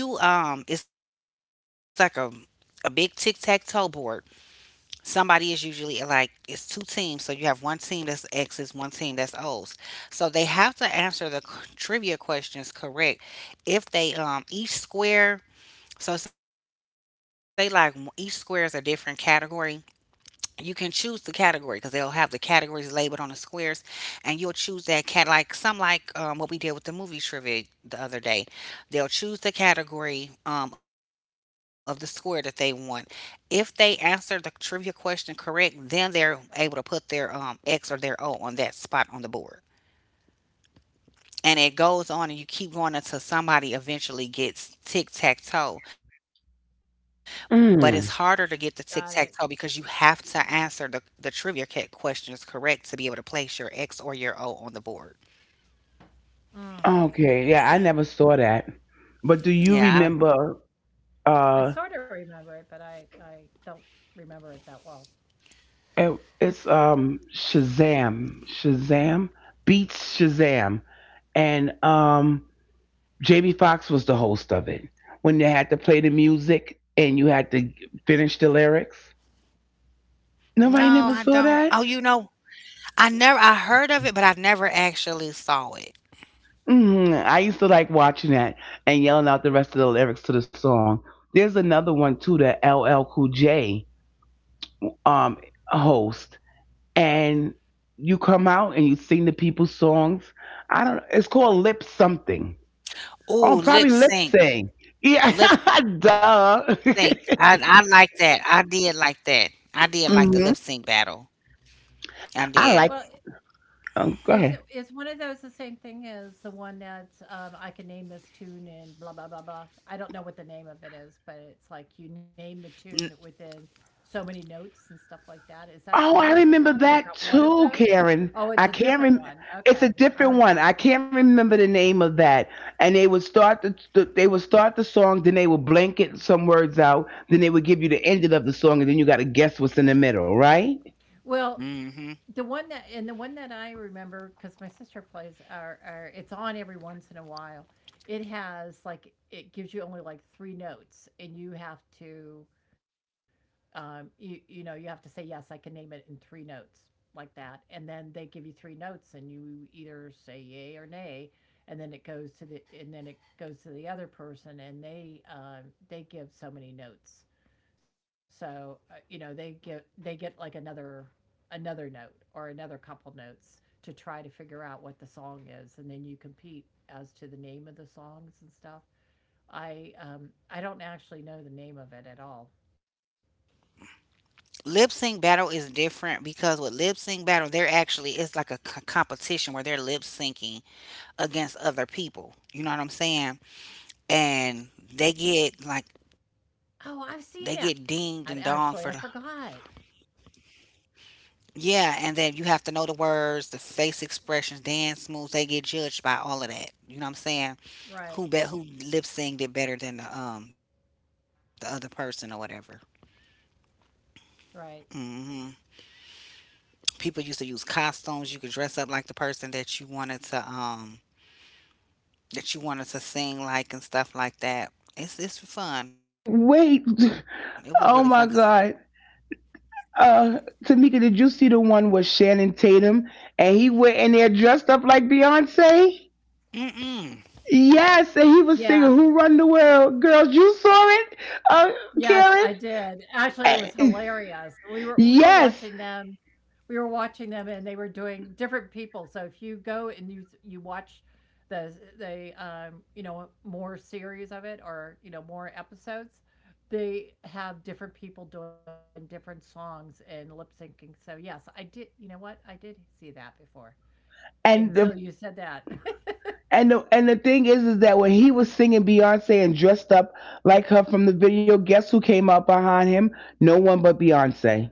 Speaker 1: you it's like a— a big tic tac toe board. Somebody is usually— like, it's two teams, so you have one team that's X's, one team that's O's. So they have to answer the trivia questions correct. If they each square— so say like each square is a different category. You can choose the category because they'll have the categories labeled on the squares, and you'll choose that cat— like some, like what we did with the movie trivia the other day. They'll choose the category of the square that they want. If they answer the trivia question correct, then they're able to put their X or their O on that spot on the board. And it goes on, and you keep going until somebody eventually gets tic tac toe. But it's harder to
Speaker 3: got
Speaker 1: get the
Speaker 3: it.
Speaker 1: tic tac toe because you have to answer the trivia questions correct to be able to place your X or your O on the board.
Speaker 3: Mm.
Speaker 2: Okay, yeah, I never saw that. But do you remember
Speaker 1: Yeah, I,
Speaker 3: I sort of
Speaker 2: uh
Speaker 3: remember it, but I don't remember it that well.
Speaker 2: it's Shazam, Beats Shazam, and Jamie Foxx was the host of it. When they had to play the music and you had to finish the lyrics.
Speaker 1: no,
Speaker 2: Nobody
Speaker 1: I
Speaker 2: never saw
Speaker 1: don't. Oh,
Speaker 2: that?
Speaker 1: you know, I never— I heard of it, but I never actually saw it.
Speaker 2: I used to like watching that and yelling out the rest of the lyrics to the song. There's another one too that LL Cool J um host, and you come out and you sing the people's songs. I don't know. It's called lip something. Oh, probably lip
Speaker 1: Oh, lip
Speaker 2: sync.
Speaker 1: sync,
Speaker 2: Yeah, [laughs]
Speaker 1: lip
Speaker 2: duh.
Speaker 1: sync. I— I like that. I did like that. I did like the
Speaker 2: [laughs]
Speaker 1: Lip
Speaker 2: hmm
Speaker 1: Sync Battle.
Speaker 3: Well,
Speaker 1: I
Speaker 2: I
Speaker 3: it,
Speaker 2: like.
Speaker 1: did.
Speaker 2: Go
Speaker 3: it's
Speaker 2: ahead.
Speaker 3: one of those. The same thing as the one that's, I can name this tune and blah blah blah blah. I don't know what the name of it is, but it's like you name the tune within so many notes and stuff like that. Is that similar
Speaker 2: Oh,
Speaker 3: to
Speaker 2: I
Speaker 3: that, or is
Speaker 2: remember
Speaker 3: that one
Speaker 2: that
Speaker 3: of those?
Speaker 2: too,
Speaker 3: Oh,
Speaker 2: Karen.
Speaker 3: it's a
Speaker 2: I
Speaker 3: different
Speaker 2: can't
Speaker 3: one.
Speaker 2: rem.
Speaker 3: Okay,
Speaker 2: It's a
Speaker 3: I was
Speaker 2: different one. I can't remember the name of that. And they would start the they would start the song, then they would blanket some words out, then they would give you the ending of the song, and then you got to guess what's in the middle, right?
Speaker 3: well.
Speaker 1: Mm-hmm.
Speaker 3: The one that and the one that I remember because my sister plays are it's on every once in a while. It has like it gives you only like three notes, and you have to you you know, you have to say, yes, I can name it in three notes, like that, and then they give you three notes and you either say yay or nay, and then it goes to the other person, and they, they give so many notes, so, you know, they get like another, another note or another couple notes to try to figure out what the song is, and then you compete as to the name of the songs and stuff. I don't actually know the name of it at all.
Speaker 1: Lip Sync Battle is different, because with Lip Sync Battle, they're actually— it's like a competition where they're lip syncing against other people. You know what I'm saying? And they get like— they
Speaker 3: Oh, I've
Speaker 1: get
Speaker 3: seen
Speaker 1: dinged
Speaker 3: that
Speaker 1: and donged
Speaker 3: actually. I
Speaker 1: for the—
Speaker 3: forgot.
Speaker 1: yeah, and then you have to know the words, the face expressions, dance moves. They get judged by all of that. You know what I'm saying?
Speaker 3: Right,
Speaker 1: Who bet— who lip synced it better than the other person or whatever.
Speaker 3: right.
Speaker 1: Hmm. People used to use costumes. You could dress up like the person that you wanted to that you wanted to sing like and stuff like that. It's— it's
Speaker 2: Wait.
Speaker 1: fun.
Speaker 2: [laughs]
Speaker 1: It was really fun. 'Cause—
Speaker 2: Oh my God. Tamika, did you see the one with Shannon Tatum and he went in there dressed up like Beyonce?
Speaker 1: mm-mm.
Speaker 2: Yes, and he was singing
Speaker 3: Yeah.
Speaker 2: "Who Run the World." Girls, you saw it, uh,
Speaker 3: Yes, I
Speaker 2: Karen.
Speaker 3: did. Actually, it was
Speaker 2: Eh,
Speaker 3: hilarious. We were watching them.
Speaker 2: Yes,
Speaker 3: We were watching them, and they were doing different people. So if you go and you watch the you know, more series of it, or you know, more episodes, they have different people doing different songs and lip syncing. So yes, I did. You know what? I did see that before
Speaker 2: and
Speaker 3: until
Speaker 2: the
Speaker 3: you said that. [laughs]
Speaker 2: and the and the thing is that when he was singing Beyonce and dressed up like her from the video, guess who came out behind him? No one but Beyonce.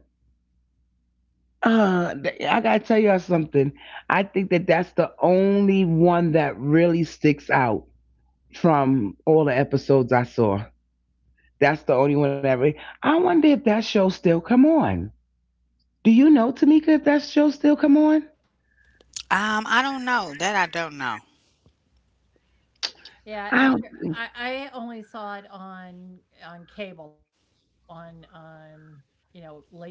Speaker 2: I gotta tell y'all something. I think that that's the only one that really sticks out from all the episodes I saw. That's the only one I wonder if that show still come on. Do you know, Tamika, if that show still come on?
Speaker 1: I don't know that. I don't know.
Speaker 3: Yeah,
Speaker 2: I
Speaker 3: after I only saw it on cable on, you know, late at night,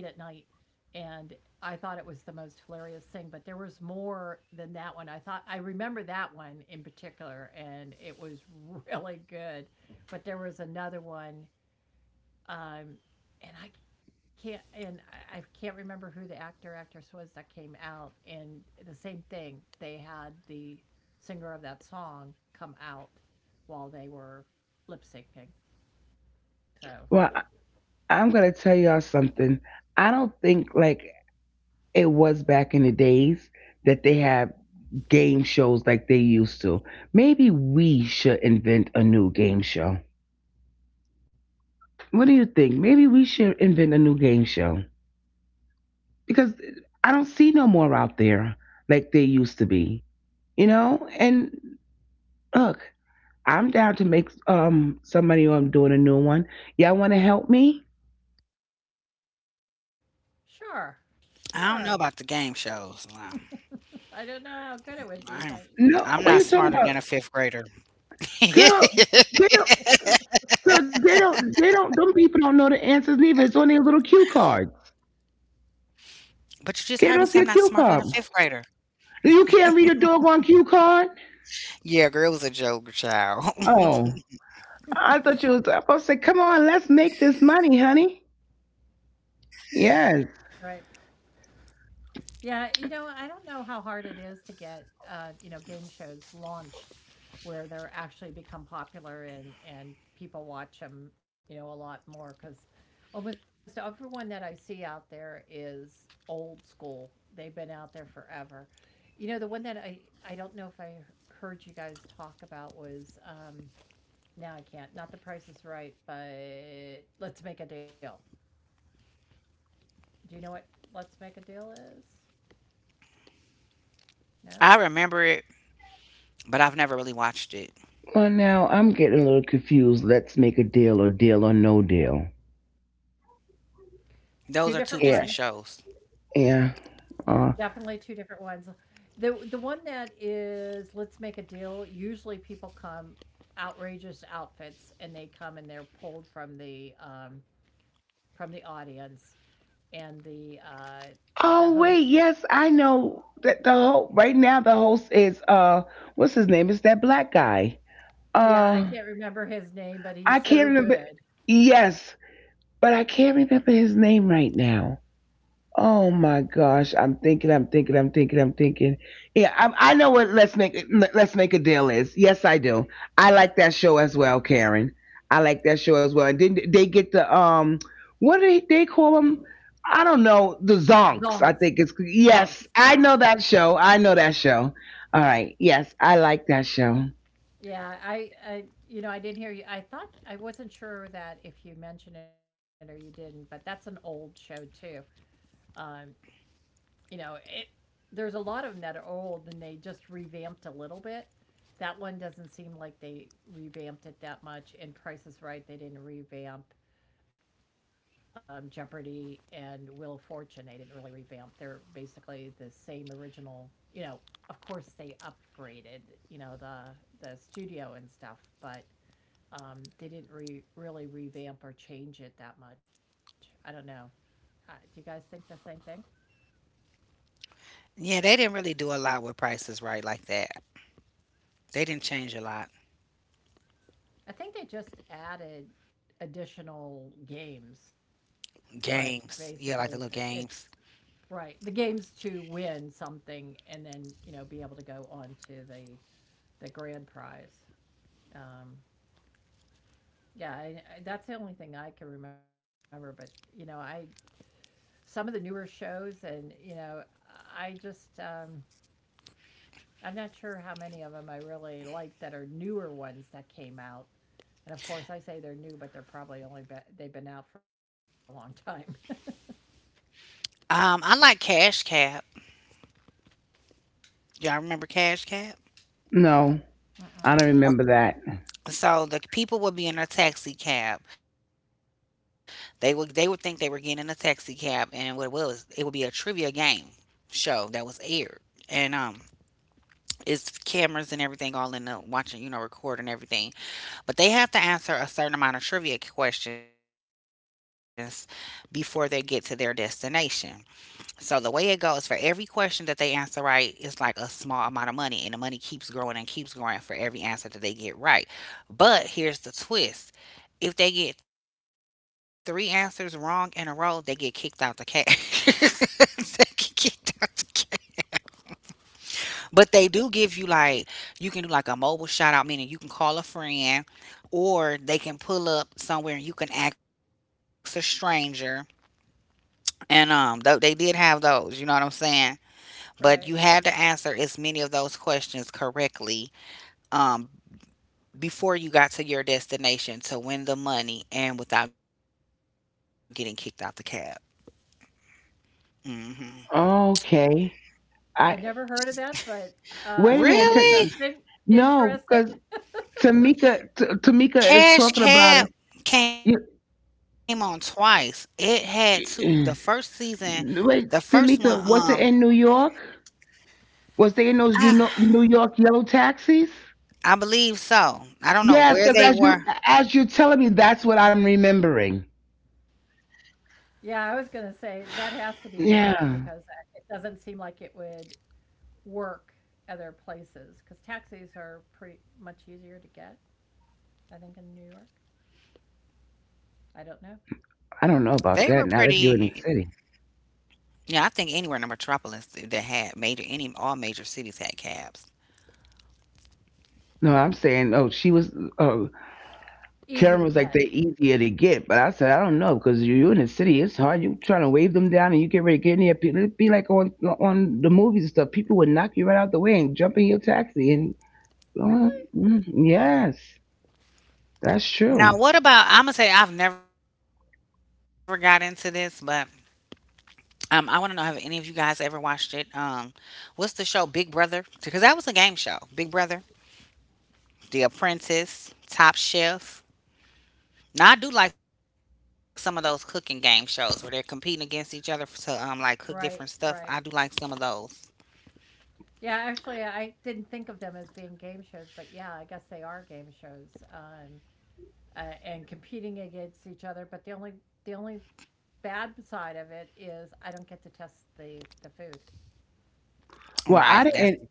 Speaker 3: and I thought it was the most hilarious thing, but there was more than that one. I thought I remember that one in particular, and it was [laughs] really good, but there was another one, um, and I can't, and I can't remember who the actor or actress was that came out. And the same thing, they had the singer of that song come out while they were lip syncing. So,
Speaker 2: well, I- I'm gonna tell y'all something. I don't think like it was back in the days that they have game shows like they used to. Maybe we should invent a new game show. What do you think? Maybe we should invent a new game show because I don't see no more out there like they used to be. You know, and look, I'm down to make some money while I'm doing a new one. Y'all want to help me?
Speaker 3: sure,
Speaker 1: I
Speaker 3: sure.
Speaker 1: don't know about the game shows.
Speaker 3: [laughs] I don't know how good it would be, but
Speaker 1: I don't,
Speaker 2: No,
Speaker 3: sure.
Speaker 2: what are you
Speaker 1: I'm
Speaker 2: talking
Speaker 1: not
Speaker 2: about,
Speaker 1: smarter than a fifth grader.
Speaker 2: girl? They don't,
Speaker 1: [laughs]
Speaker 2: girl, they don't. Them people don't know the answers neither. It's on their little cue cards.
Speaker 1: But you
Speaker 2: Get off
Speaker 1: just
Speaker 2: your
Speaker 1: heard me
Speaker 2: cue
Speaker 1: say I'm not
Speaker 2: card.
Speaker 1: smarter than a fifth grader.
Speaker 2: You can't read a doggone cue card.
Speaker 1: Yeah, girl, it was a joke,
Speaker 2: Oh,
Speaker 1: child. [laughs]
Speaker 2: I thought you was supposed to say, "Come on, let's make this money, honey." Yes.
Speaker 3: Right. Yeah, you know, I don't know how hard it is to get, you know, game shows launched where they're actually become popular, and people watch them, you know, a lot more, because almost everyone that I see out there is old school. They've been out there forever. You know, the one that I don't know if I heard you guys talk about was, now I can't, not The Price is Right, but Let's Make a Deal. Do you know what Let's Make a Deal is? No,
Speaker 1: I remember it, but I've never really watched it.
Speaker 2: Well, now I'm getting a little confused. Let's make a deal or deal or no deal.
Speaker 3: two different
Speaker 1: Those are two
Speaker 3: ones.
Speaker 1: different
Speaker 2: Yeah,
Speaker 1: shows.
Speaker 2: yeah.
Speaker 3: Yeah, definitely 2 different ones. The one that is Let's Make a Deal, usually people come outrageous outfits and they come and they're pulled from the audience, and the host.
Speaker 2: Oh wait, yes, I know that the whole right now the host is what's his name? It's that black guy.
Speaker 3: Yeah, I can't
Speaker 2: Uh
Speaker 3: remember his name, but he's
Speaker 2: I
Speaker 3: so
Speaker 2: can't
Speaker 3: good.
Speaker 2: remember, yes, but I can't remember his name right now. Oh my gosh, I'm thinking. Yeah, I know what Let's Make a Deal is. Yes, I do. I like that show as well, Karen. I like that show as well. And didn't they get the what do they call them? I don't know. The
Speaker 3: Zonks,
Speaker 2: Zonks, I think it's.
Speaker 3: Zonks,
Speaker 2: Yes,
Speaker 3: yeah.
Speaker 2: I know that show. I know that show. All right. Yes, I like that show.
Speaker 3: Yeah, I you know, I didn't hear you, I thought I wasn't sure that if you mentioned it or you didn't, but that's an old show too. Um you know, it, there's a lot of them that are old, and they just revamped a little bit. That one doesn't seem like they revamped it that much. And Price is Right, they didn't revamp. Jeopardy and Wheel of Fortune, they didn't really revamp. They're basically the same original. You know, of course they upgraded, you know, the studio and stuff, but they didn't really revamp or change it that much. I don't know. Do you guys think the same thing?
Speaker 1: Yeah, they didn't really do a lot with prices right like that. They didn't change a lot.
Speaker 3: I think they just added additional games, but basically it's
Speaker 1: Games. Yeah, like
Speaker 3: it's
Speaker 1: the little games.
Speaker 3: right. The games to win something, and then, you know, be able to go on to the grand prize. Um yeah, that's the only thing I can remember, but you know, I, some of the newer shows, and you know, I just I'm not sure how many of them I really like that are newer ones that came out. And of course, I say they're new, but they're probably only be- they've been out for a long [laughs] time.
Speaker 1: I like Cash Cab. Y'all remember Cash
Speaker 2: No,
Speaker 1: Cab?
Speaker 3: Mm-mm.
Speaker 2: I don't remember that.
Speaker 1: Uh, So the people would be in a taxi cab. They would think they were getting in a taxi cab, and what it was, it would be a trivia game show that was aired. And it's cameras and everything all in the watching, you know, recording everything. But they have to answer a certain amount of trivia questions before they get to their destination. So the way it goes, for every question that they answer right, it's like a small amount of money, and the money keeps growing and keeps growing for every answer that they get right. But here's the twist: if they get three answers wrong in a row, they get kicked out the cash. [laughs] They get kicked out the cash. But they do give you like you can do like a mobile shout out, meaning you can call a friend, or they can pull up somewhere and you can ask a stranger. And they did have those. You know what I'm saying?
Speaker 3: Right.
Speaker 1: But you had to answer as many of those questions correctly um, before you got to your destination to win the money and without getting kicked out the cab. Hmm.
Speaker 2: Okay.
Speaker 3: I
Speaker 2: I
Speaker 3: never heard of that, but
Speaker 2: Wait a
Speaker 3: um,
Speaker 2: minute.
Speaker 1: Really?
Speaker 2: 'Cause
Speaker 3: interesting.
Speaker 2: no,
Speaker 3: Interesting.
Speaker 2: because. Tamika, Tamika is
Speaker 1: Cash
Speaker 2: talking about
Speaker 1: Cab
Speaker 2: it.
Speaker 1: came on twice. It had two. The first season,
Speaker 2: You-
Speaker 1: the first one,
Speaker 2: [clears throat] Wait, Tamika, was it in New York? Was they in those, you
Speaker 1: ah,
Speaker 2: know, New York yellow taxis?
Speaker 1: I believe so. I don't know
Speaker 2: Yes,
Speaker 1: where
Speaker 2: because
Speaker 1: they
Speaker 2: as
Speaker 1: were.
Speaker 2: you're telling me, that's what I'm remembering.
Speaker 3: Yeah, I was going to say that has to be New York because
Speaker 2: Yeah,
Speaker 3: it doesn't seem like it would work other places because taxis are pretty much easier to get, I think, in New York. I don't
Speaker 1: They
Speaker 3: know.
Speaker 1: were
Speaker 2: I don't
Speaker 1: pretty.
Speaker 2: know about that. Not if you're in the city.
Speaker 1: Yeah, I think anywhere in the metropolis that had major, any all major cities had cabs.
Speaker 2: No, I'm saying, oh, she was. Oh, Karen
Speaker 3: Easy to
Speaker 2: was like they're
Speaker 3: get.
Speaker 2: easier to get, but I said I don't know because you're in the city. It's hard. You trying to wave them down, and you get ready to get in there. People, it'd be like on the movies and stuff. People would knock you right out the way and jump in your taxi and well,
Speaker 3: Really?
Speaker 2: mm, yes, that's
Speaker 1: Now,
Speaker 2: true.
Speaker 1: what about? I'm gonna say I've never got into this, but I want to know have any of you guys ever watched it? What's the show Big Brother? Because that was a game show. Big Brother, The Apprentice, Top Chef. Now I do like some of those cooking game shows where they're competing against each other to like cook different stuff. I do
Speaker 3: Right,
Speaker 1: like some of
Speaker 3: right.
Speaker 1: those.
Speaker 3: Yeah, actually, I didn't think of them as being game shows, but yeah, I guess they are game shows. And competing against each other. But the only bad side of it is I don't get to test the food.
Speaker 1: Right.
Speaker 2: Well,
Speaker 1: That's
Speaker 2: I didn't.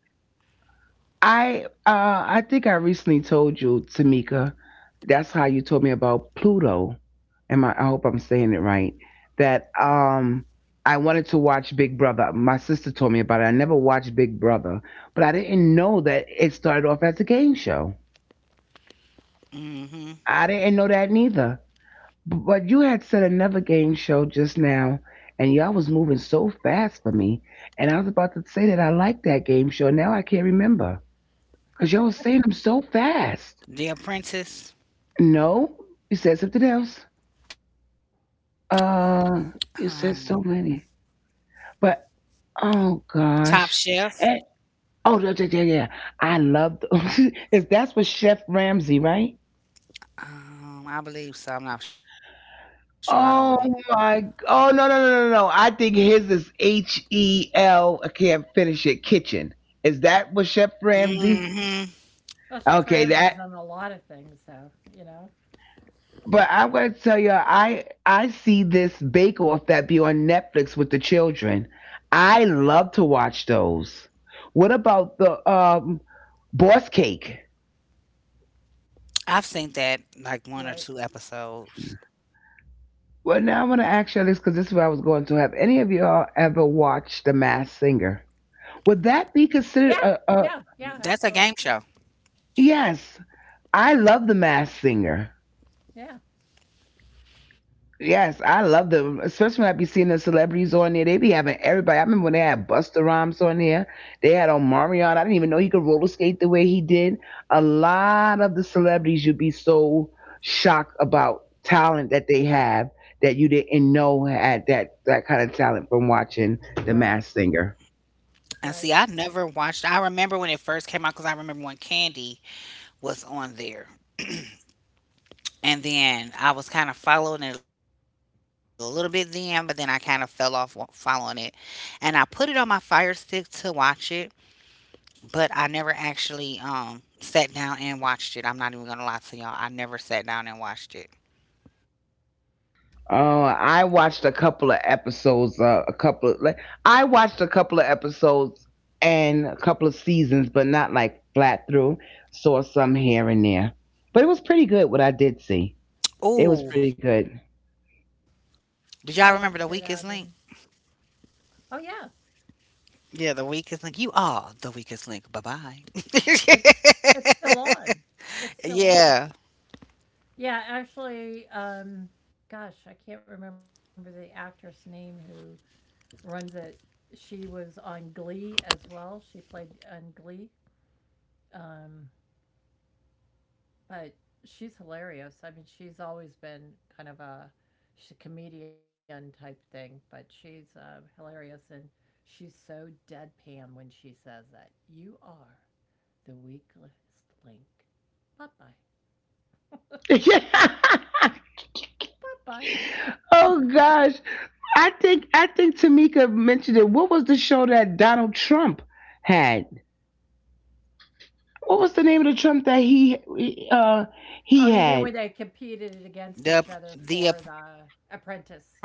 Speaker 2: I think I recently told you, Tamika. That's how you told me about Pluto. And I hope I'm saying it right. That I wanted to watch Big Brother. My sister told me about it. I never watched Big Brother, but I didn't know that it started off as a game show.
Speaker 1: Mm-hmm.
Speaker 2: I didn't know that neither. But you had said another game show just now, and y'all was moving so fast for me. And I was about to say that I like that game show. Now I can't remember because y'all was saying them so fast.
Speaker 1: The Apprentice,
Speaker 2: No, you said something else.
Speaker 1: um,
Speaker 2: Uh, you said so many. But oh
Speaker 1: Top
Speaker 2: gosh,
Speaker 1: Chef.
Speaker 2: and oh yeah. Yeah. I love. [laughs] Is that's with Chef Ramsey, right?
Speaker 1: I believe so. I'm not sure. I don't really.
Speaker 2: Oh my! Oh no! I think his is H E L. I can't finish it. Kitchen, is that what Chef Ramsay?
Speaker 3: Well, Chef
Speaker 2: Okay, that.
Speaker 3: Ramsay's done a lot of things, so you know,
Speaker 2: But I'm going to tell you, I see this Bake Off that be on Netflix with the children. I love to watch those. What about the Boss Cake?
Speaker 1: I've seen that like 1 or
Speaker 3: right?
Speaker 1: 2 episodes.
Speaker 2: Well, now I want to ask you this because this is where I was going to. Have any of y'all ever watched The Masked Singer? Would that be
Speaker 3: Yeah,
Speaker 2: considered a
Speaker 3: yeah, yeah.
Speaker 1: That's a
Speaker 3: Actually,
Speaker 1: game
Speaker 3: yeah,
Speaker 1: show.
Speaker 2: yes? I love the mass singer.
Speaker 3: yeah.
Speaker 2: Yes, I love them, especially when I be seeing the celebrities on there. They be having everybody. I remember when they had Busta Rhymes on there. They had on Marion. I didn't even know he could roller skate the way he did. A lot of the celebrities you'd be so shocked about talent that they have that you didn't know had that kind of talent from watching
Speaker 3: Right,
Speaker 2: The Mass Singer.
Speaker 1: And
Speaker 3: right.
Speaker 1: see, I never watched I remember when it first came out because I remember when Candy was on there. And then I was kind of following it a little bit then, but then I kind of fell off following it. And I put it on my Fire Stick to watch it, but I never actually sat down and watched it. I'm not even going to lie to y'all. I never sat down and watched it.
Speaker 2: Oh, I watched a couple of episodes. A couple of like, I watched a couple of episodes and a couple of seasons, but not like flat through. Saw some here and there, but it was pretty good. What I did see, it was
Speaker 1: Ooh,
Speaker 2: pretty good. [laughs]
Speaker 1: did y'all remember The
Speaker 3: I
Speaker 1: Weakest Link?
Speaker 3: watched it out, and oh yeah,
Speaker 1: Yeah, the weakest link. You are the weakest link. Bye bye.
Speaker 3: it's it's still on. It's
Speaker 1: [laughs]
Speaker 3: still on.
Speaker 1: Yeah,
Speaker 3: Yeah, actually, gosh, I can't remember the actress name who runs it. She was on Glee as well. She played on Glee. Um, but she's hilarious. I mean, she's always been kind of a she's a comedian type thing, but she's hilarious and she's so deadpan when she says that. You are the weakest link. Bye bye.
Speaker 2: Yeah.
Speaker 3: Bye bye.
Speaker 2: oh gosh, I think Tamika mentioned it. What was the show that Donald Trump had? What was the name of the Trump that uh
Speaker 3: Oh,
Speaker 2: he
Speaker 3: you mean
Speaker 2: had?
Speaker 3: when they competed against
Speaker 1: the
Speaker 3: each other
Speaker 1: the
Speaker 3: for the
Speaker 1: Apprentice.
Speaker 3: Apprentice?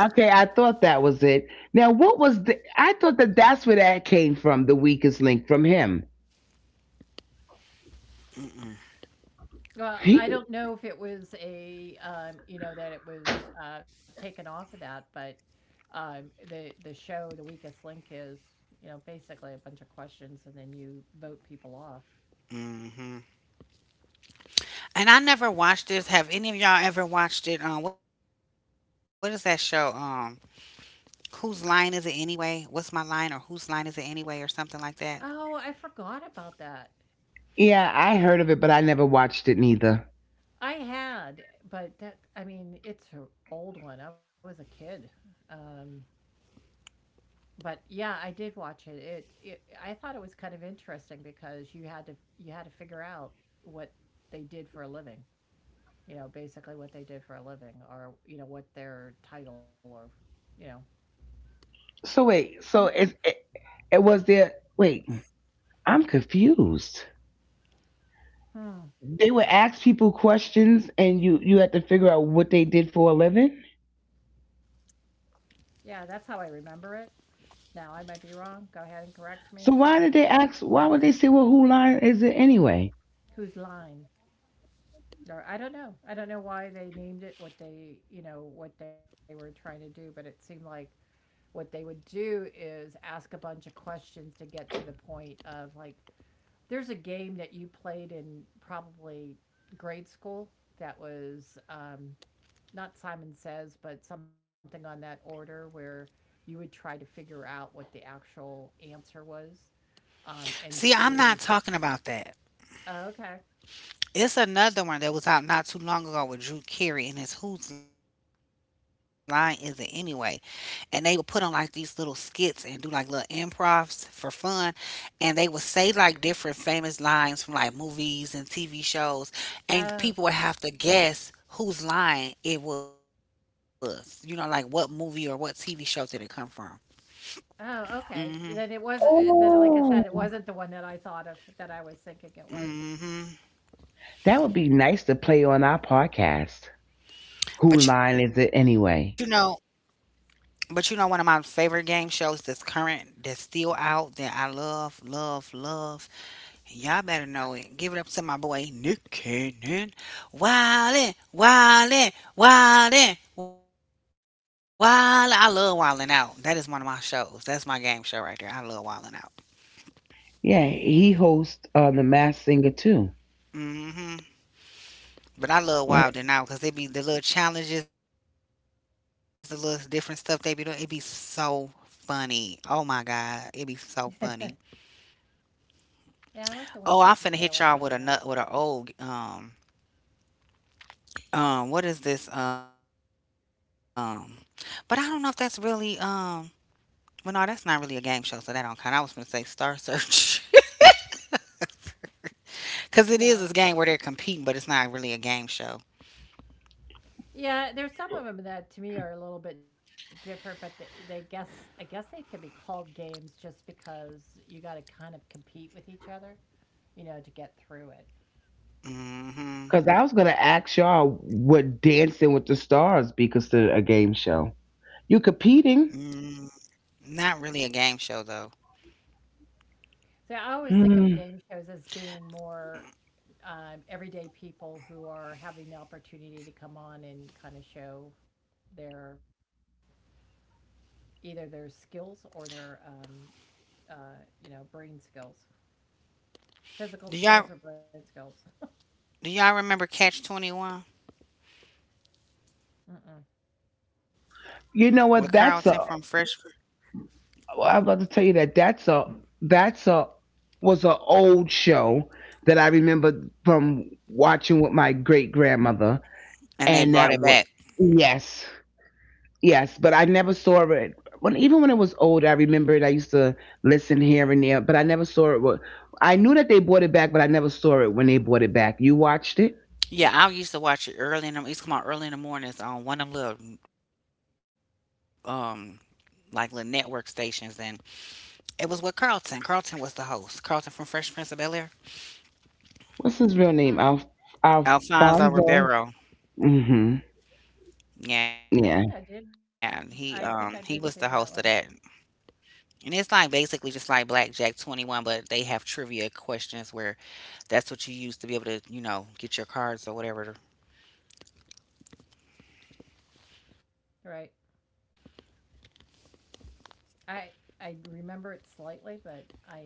Speaker 2: Okay, I thought that was it. Now, what was the? I thought that that's where that came from. The weakest link from him.
Speaker 1: Mm-mm.
Speaker 3: Well, I
Speaker 2: He,
Speaker 3: don't know if it was a, you know, that it was taken off of that, but the show, The Weakest Link, is you know basically a bunch of questions, and then you vote people off.
Speaker 1: Hmm. And I never watched this. Have any of y'all ever watched it? What is that show? Whose line is it anyway? What's my line or whose line is it anyway or something like that?
Speaker 3: Oh, I forgot about that.
Speaker 2: yeah, I heard of it, but I never watched it neither.
Speaker 3: I had, but that I mean, it's an old one. I was a kid. Um, but yeah, I did watch it. I thought it was kind of interesting because you had to figure out what they did for a living. You know, basically what they did for a living, or you know what their title or, you know,
Speaker 2: So wait,
Speaker 3: some stuff.
Speaker 2: it was there. Wait, I'm confused.
Speaker 3: Hmm.
Speaker 2: They would ask people questions, and you had to figure out what they did for a living.
Speaker 3: Yeah, that's how I remember it. Now I might be wrong. Go ahead and correct me.
Speaker 2: So why
Speaker 3: But
Speaker 2: did they ask? Why would they say, "Well, who line is it anyway"?
Speaker 3: whose line? Or I don't know. I don't know why they named it what they, you know, what they were trying to do, but it seemed like what they would do is ask a bunch of questions to get to the point of like there's a game that you played in probably grade school that was not Simon Says, but something on that order where you would try to figure out what the actual answer was and
Speaker 1: See, I'm not
Speaker 3: through
Speaker 1: talking about that.
Speaker 3: oh, okay.
Speaker 1: It's another one that was out not too long ago with Drew Carey, and it's Whose Line Is It Anyway? And they would put on like these little skits and do like little improvs for fun. And they would say like different famous lines from like movies and TV shows. And people would
Speaker 3: Oh,
Speaker 1: have to guess whose line it was. You know, like what movie or what TV show did it come from?
Speaker 3: Oh, okay. Then it was then, like I said, it
Speaker 2: Oh,
Speaker 3: wasn't the one that I thought of that I was thinking it was.
Speaker 1: Hmm.
Speaker 2: that would be nice to play on our podcast. Who
Speaker 1: But you
Speaker 2: line is
Speaker 1: know,
Speaker 2: it anyway?
Speaker 1: but you know, one of my favorite game shows that's current, that's still out, that I love, love, love. Y'all better know it. Give it up to my boy Nick Cannon. Wildin', wildin', wildin', wildin'. I love wildin' out. That is one of my shows. That's my game show right there. I love wildin' out.
Speaker 2: Yeah, he hosts The Masked Singer too,
Speaker 1: Hmm. But I love
Speaker 2: right?
Speaker 1: wildin' out because it be the little challenges, the little different stuff they be doing. It be so funny. Oh my god, it be so funny.
Speaker 3: [laughs] Yeah, I like the ones
Speaker 1: Oh,
Speaker 3: that
Speaker 1: I'm
Speaker 3: you
Speaker 1: finna
Speaker 3: get a
Speaker 1: hit
Speaker 3: little bit
Speaker 1: y'all
Speaker 3: of
Speaker 1: with a
Speaker 3: that.
Speaker 1: nut with a old. What is this? But I don't know if that's really. Well, no, that's not really a game show, so that don't count. I was going to say Star Search. [laughs] Because it
Speaker 3: No.
Speaker 1: is this game where they're competing, but it's not really a game show.
Speaker 3: Yeah, there's some of them that to me are a little bit different, but they guess I guess they can be called games just because you got to kind of compete with each other, you know, to get through it.
Speaker 2: Because I
Speaker 1: Hmm.
Speaker 2: was gonna ask y'all would Dancing with the Stars be considered a game show? You competing?
Speaker 1: Mm, not really a game show, though.
Speaker 3: So I always think of game
Speaker 2: Hmm.
Speaker 3: shows as being more everyday people who are having the opportunity to come on and kind of show their either their skills or their you know brain skills, physical skills or
Speaker 1: Do
Speaker 3: brain
Speaker 1: y'all,
Speaker 3: skills.
Speaker 1: do y'all remember Catch 21
Speaker 3: Mm-mm.
Speaker 1: with
Speaker 2: You
Speaker 1: Carlton
Speaker 2: know
Speaker 1: from
Speaker 2: what?
Speaker 1: Fresh? Pr-
Speaker 2: That's a. I'm about to tell you that that's a was an old show that I remember from watching with my great grandmother, and
Speaker 1: And
Speaker 2: that
Speaker 1: they
Speaker 2: was
Speaker 1: brought it back.
Speaker 2: yes, yes, but I never saw it. When even when it was old, I remember it. I used to listen here and there, but I never saw it. I knew that they bought it back, but I never saw it when they bought it back. You watched it?
Speaker 1: Yeah, I used to watch it early in the, it used to come out early in the mornings on one of them little, like little network stations. And it was with Carlton. Carlton was the host. Carlton from Fresh Prince of Bel-Air.
Speaker 2: What's his
Speaker 3: Mm.
Speaker 2: real name?
Speaker 1: Alfonso
Speaker 2: Alfonso.
Speaker 1: Ribeiro.
Speaker 2: Mm-hmm.
Speaker 3: I think I
Speaker 2: Yeah.
Speaker 1: Yeah,
Speaker 3: did. I think I
Speaker 1: he
Speaker 3: did
Speaker 1: was the
Speaker 3: see that
Speaker 1: host of
Speaker 3: one.
Speaker 1: that. And it's like basically just like Blackjack 21, but they have trivia questions where that's what you use to be able to, you know, get your cards or whatever.
Speaker 3: Right. I I remember it slightly, but I d-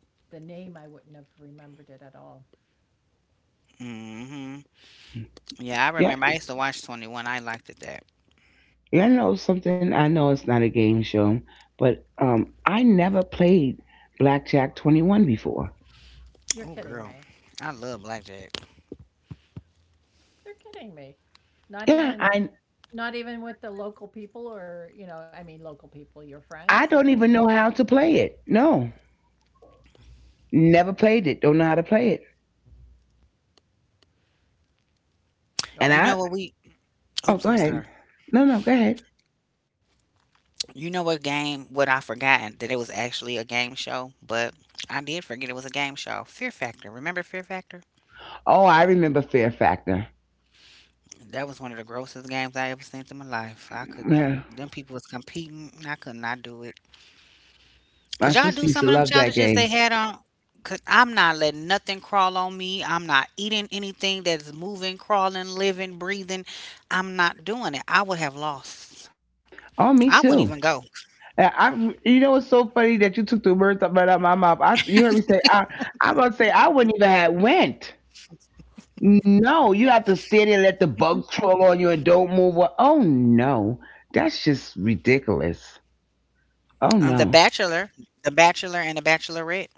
Speaker 3: the name I wouldn't have remembered it at all.
Speaker 1: Mhm.
Speaker 2: Yeah.
Speaker 1: Yeah, I remember I used to watch 21. I liked it that.
Speaker 2: You know something? I know it's not a game show, but I never played Blackjack 21 before.
Speaker 1: Oh girl. I love Blackjack.
Speaker 2: Yeah, I I don't even know how to play it. No, never played it. Don't know how to play it. And I
Speaker 1: You know what we.
Speaker 2: oh, go ahead.
Speaker 1: Oops, I'm sorry.
Speaker 2: No, no, go ahead.
Speaker 1: You know what game what I forgotten that it was actually a game show, but I did forget it was a game show. Fear Factor. Remember Fear Factor?
Speaker 2: Oh, I remember Fear Factor.
Speaker 1: That was one of the grossest games I ever seen in my life. I
Speaker 2: Yeah.
Speaker 1: could them people was competing, and I could not do it.
Speaker 2: My
Speaker 1: Cause y'all
Speaker 2: sister
Speaker 1: do
Speaker 2: used to
Speaker 1: some of them
Speaker 2: love that
Speaker 1: challenges they
Speaker 2: game.
Speaker 1: had on. Cause I'm not letting nothing crawl on me. I'm not eating anything that's moving, crawling, living, breathing. I'm not doing it. I would have lost.
Speaker 2: Oh,
Speaker 1: I
Speaker 2: me
Speaker 1: wouldn't even
Speaker 2: too.
Speaker 1: go.
Speaker 2: And you know, it's so funny that you took the words up right out of my mouth. You heard me say, I'm about to say, I wouldn't even have went. No, you have to stay there and let the bugs crawl on you and don't move. Well, oh, no. That's just ridiculous. Oh,
Speaker 1: The
Speaker 2: no.
Speaker 1: Bachelor, The Bachelor, and The Bachelorette.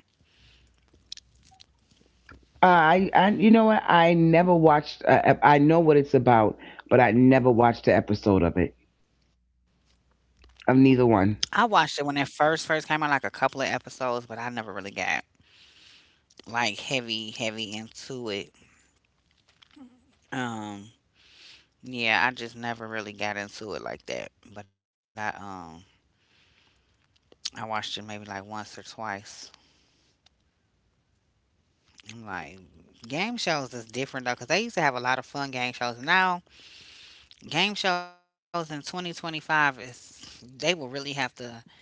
Speaker 2: I, you know what? I never watched, I know what it's about, but I never watched the episode of it, of neither one.
Speaker 1: I watched it when it first first came out, like a couple of episodes, but I never really got like heavy, heavy into it. Um, Yeah, I just never really got into it like that. But I watched it maybe like once or twice. I'm like game shows is different though, 'cause they used to have a lot of fun game shows. Now, game shows in 2025 is they will really have to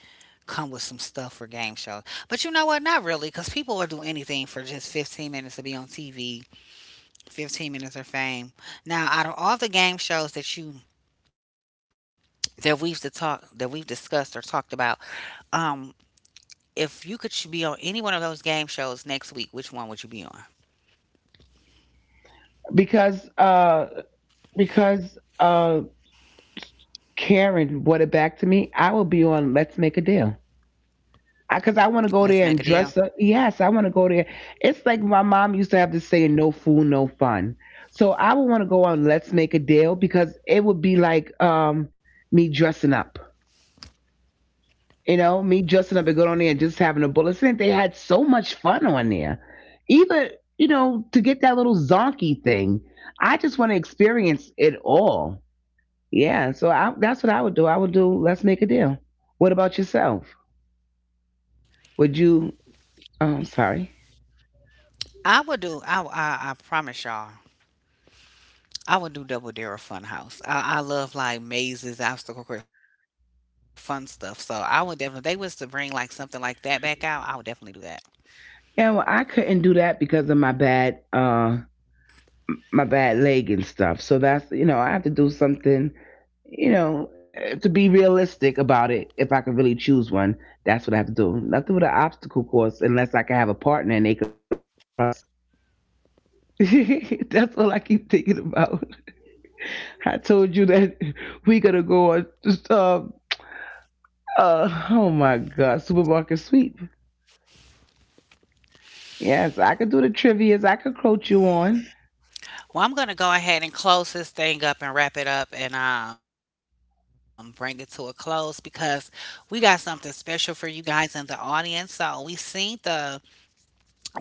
Speaker 1: come with some stuff for game shows. But you know what? Not really, 'cause people will do anything for just 15 minutes to be on TV, 15 minutes of fame. Now, out of all the game shows that you that we've to talk that we've discussed or talked about, um if you could be on any one of those game shows next week, which one would you be on?
Speaker 2: because uh because Karen brought it back to me, I will be on Let's Make a Deal. Because I want to go there and
Speaker 1: Let's make a
Speaker 2: dress up.
Speaker 1: deal.
Speaker 2: Yes, I want to go there. It's like my mom used to have to say, no fool, no fun. So I would want to go on Let's Make a Deal because it would be like me dressing up. You know, me dressing up and going on there and just having a bullet. And they had so much fun on there. Even, you know, to get that little zonky thing, I just want to experience it all. Yeah, so that's what I would do. I would do Let's Make a Deal. What about yourself? Would you? Oh, I'm sorry.
Speaker 1: I would do. I promise y'all. I would do Double Dare Fun House. I love like mazes, obstacle course, fun stuff. So I would definitely. If they was to bring like something like that back out. I would definitely do that.
Speaker 2: Yeah, well, I couldn't do that because of my bad leg and stuff. So that's, you know, I have to do something, you know, eh, to be realistic about it. If I can really choose one, that's what I have to do. Nothing with an obstacle course unless I can have a partner and they can run it for us. [laughs] That's all I keep thinking about. I told you that [laughs] we gonna go on uh, oh my God, supermarket sweep. Yes, I could do the trivias. I could coach you on.
Speaker 1: Well, I'm gonna go ahead and close this thing up and wrap it up and bring it to a close because we got something special for you guys in the audience.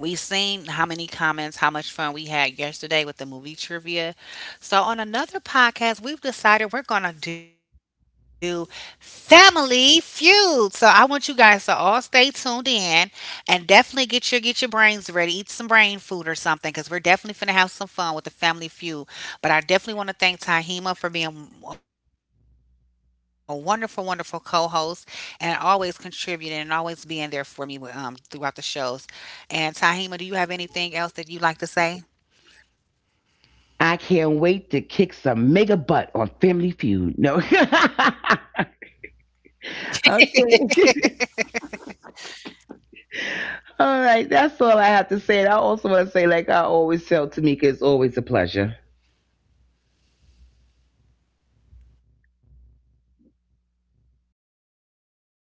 Speaker 1: We've seen how many comments, how much fun we had yesterday with the movie trivia. So, on another podcast, we've decided we're going to do Family Feud. So, I want you guys to all stay tuned in and definitely get your brains ready. Eat some brain food or something because we're definitely going to have some fun with the Family Feud. But I definitely want to thank Tahima for being a wonderful, wonderful co host and always contributing and always being there for me throughout the shows. And Tahima, do you have anything else that you'd like to say?
Speaker 2: I can't wait to kick some mega butt on Family Feud. No. [laughs] Okay. [laughs] All right. That's all I have to say. And I also want to say, like I always tell Tamika, it's always a pleasure.
Speaker 1: Okie dokie.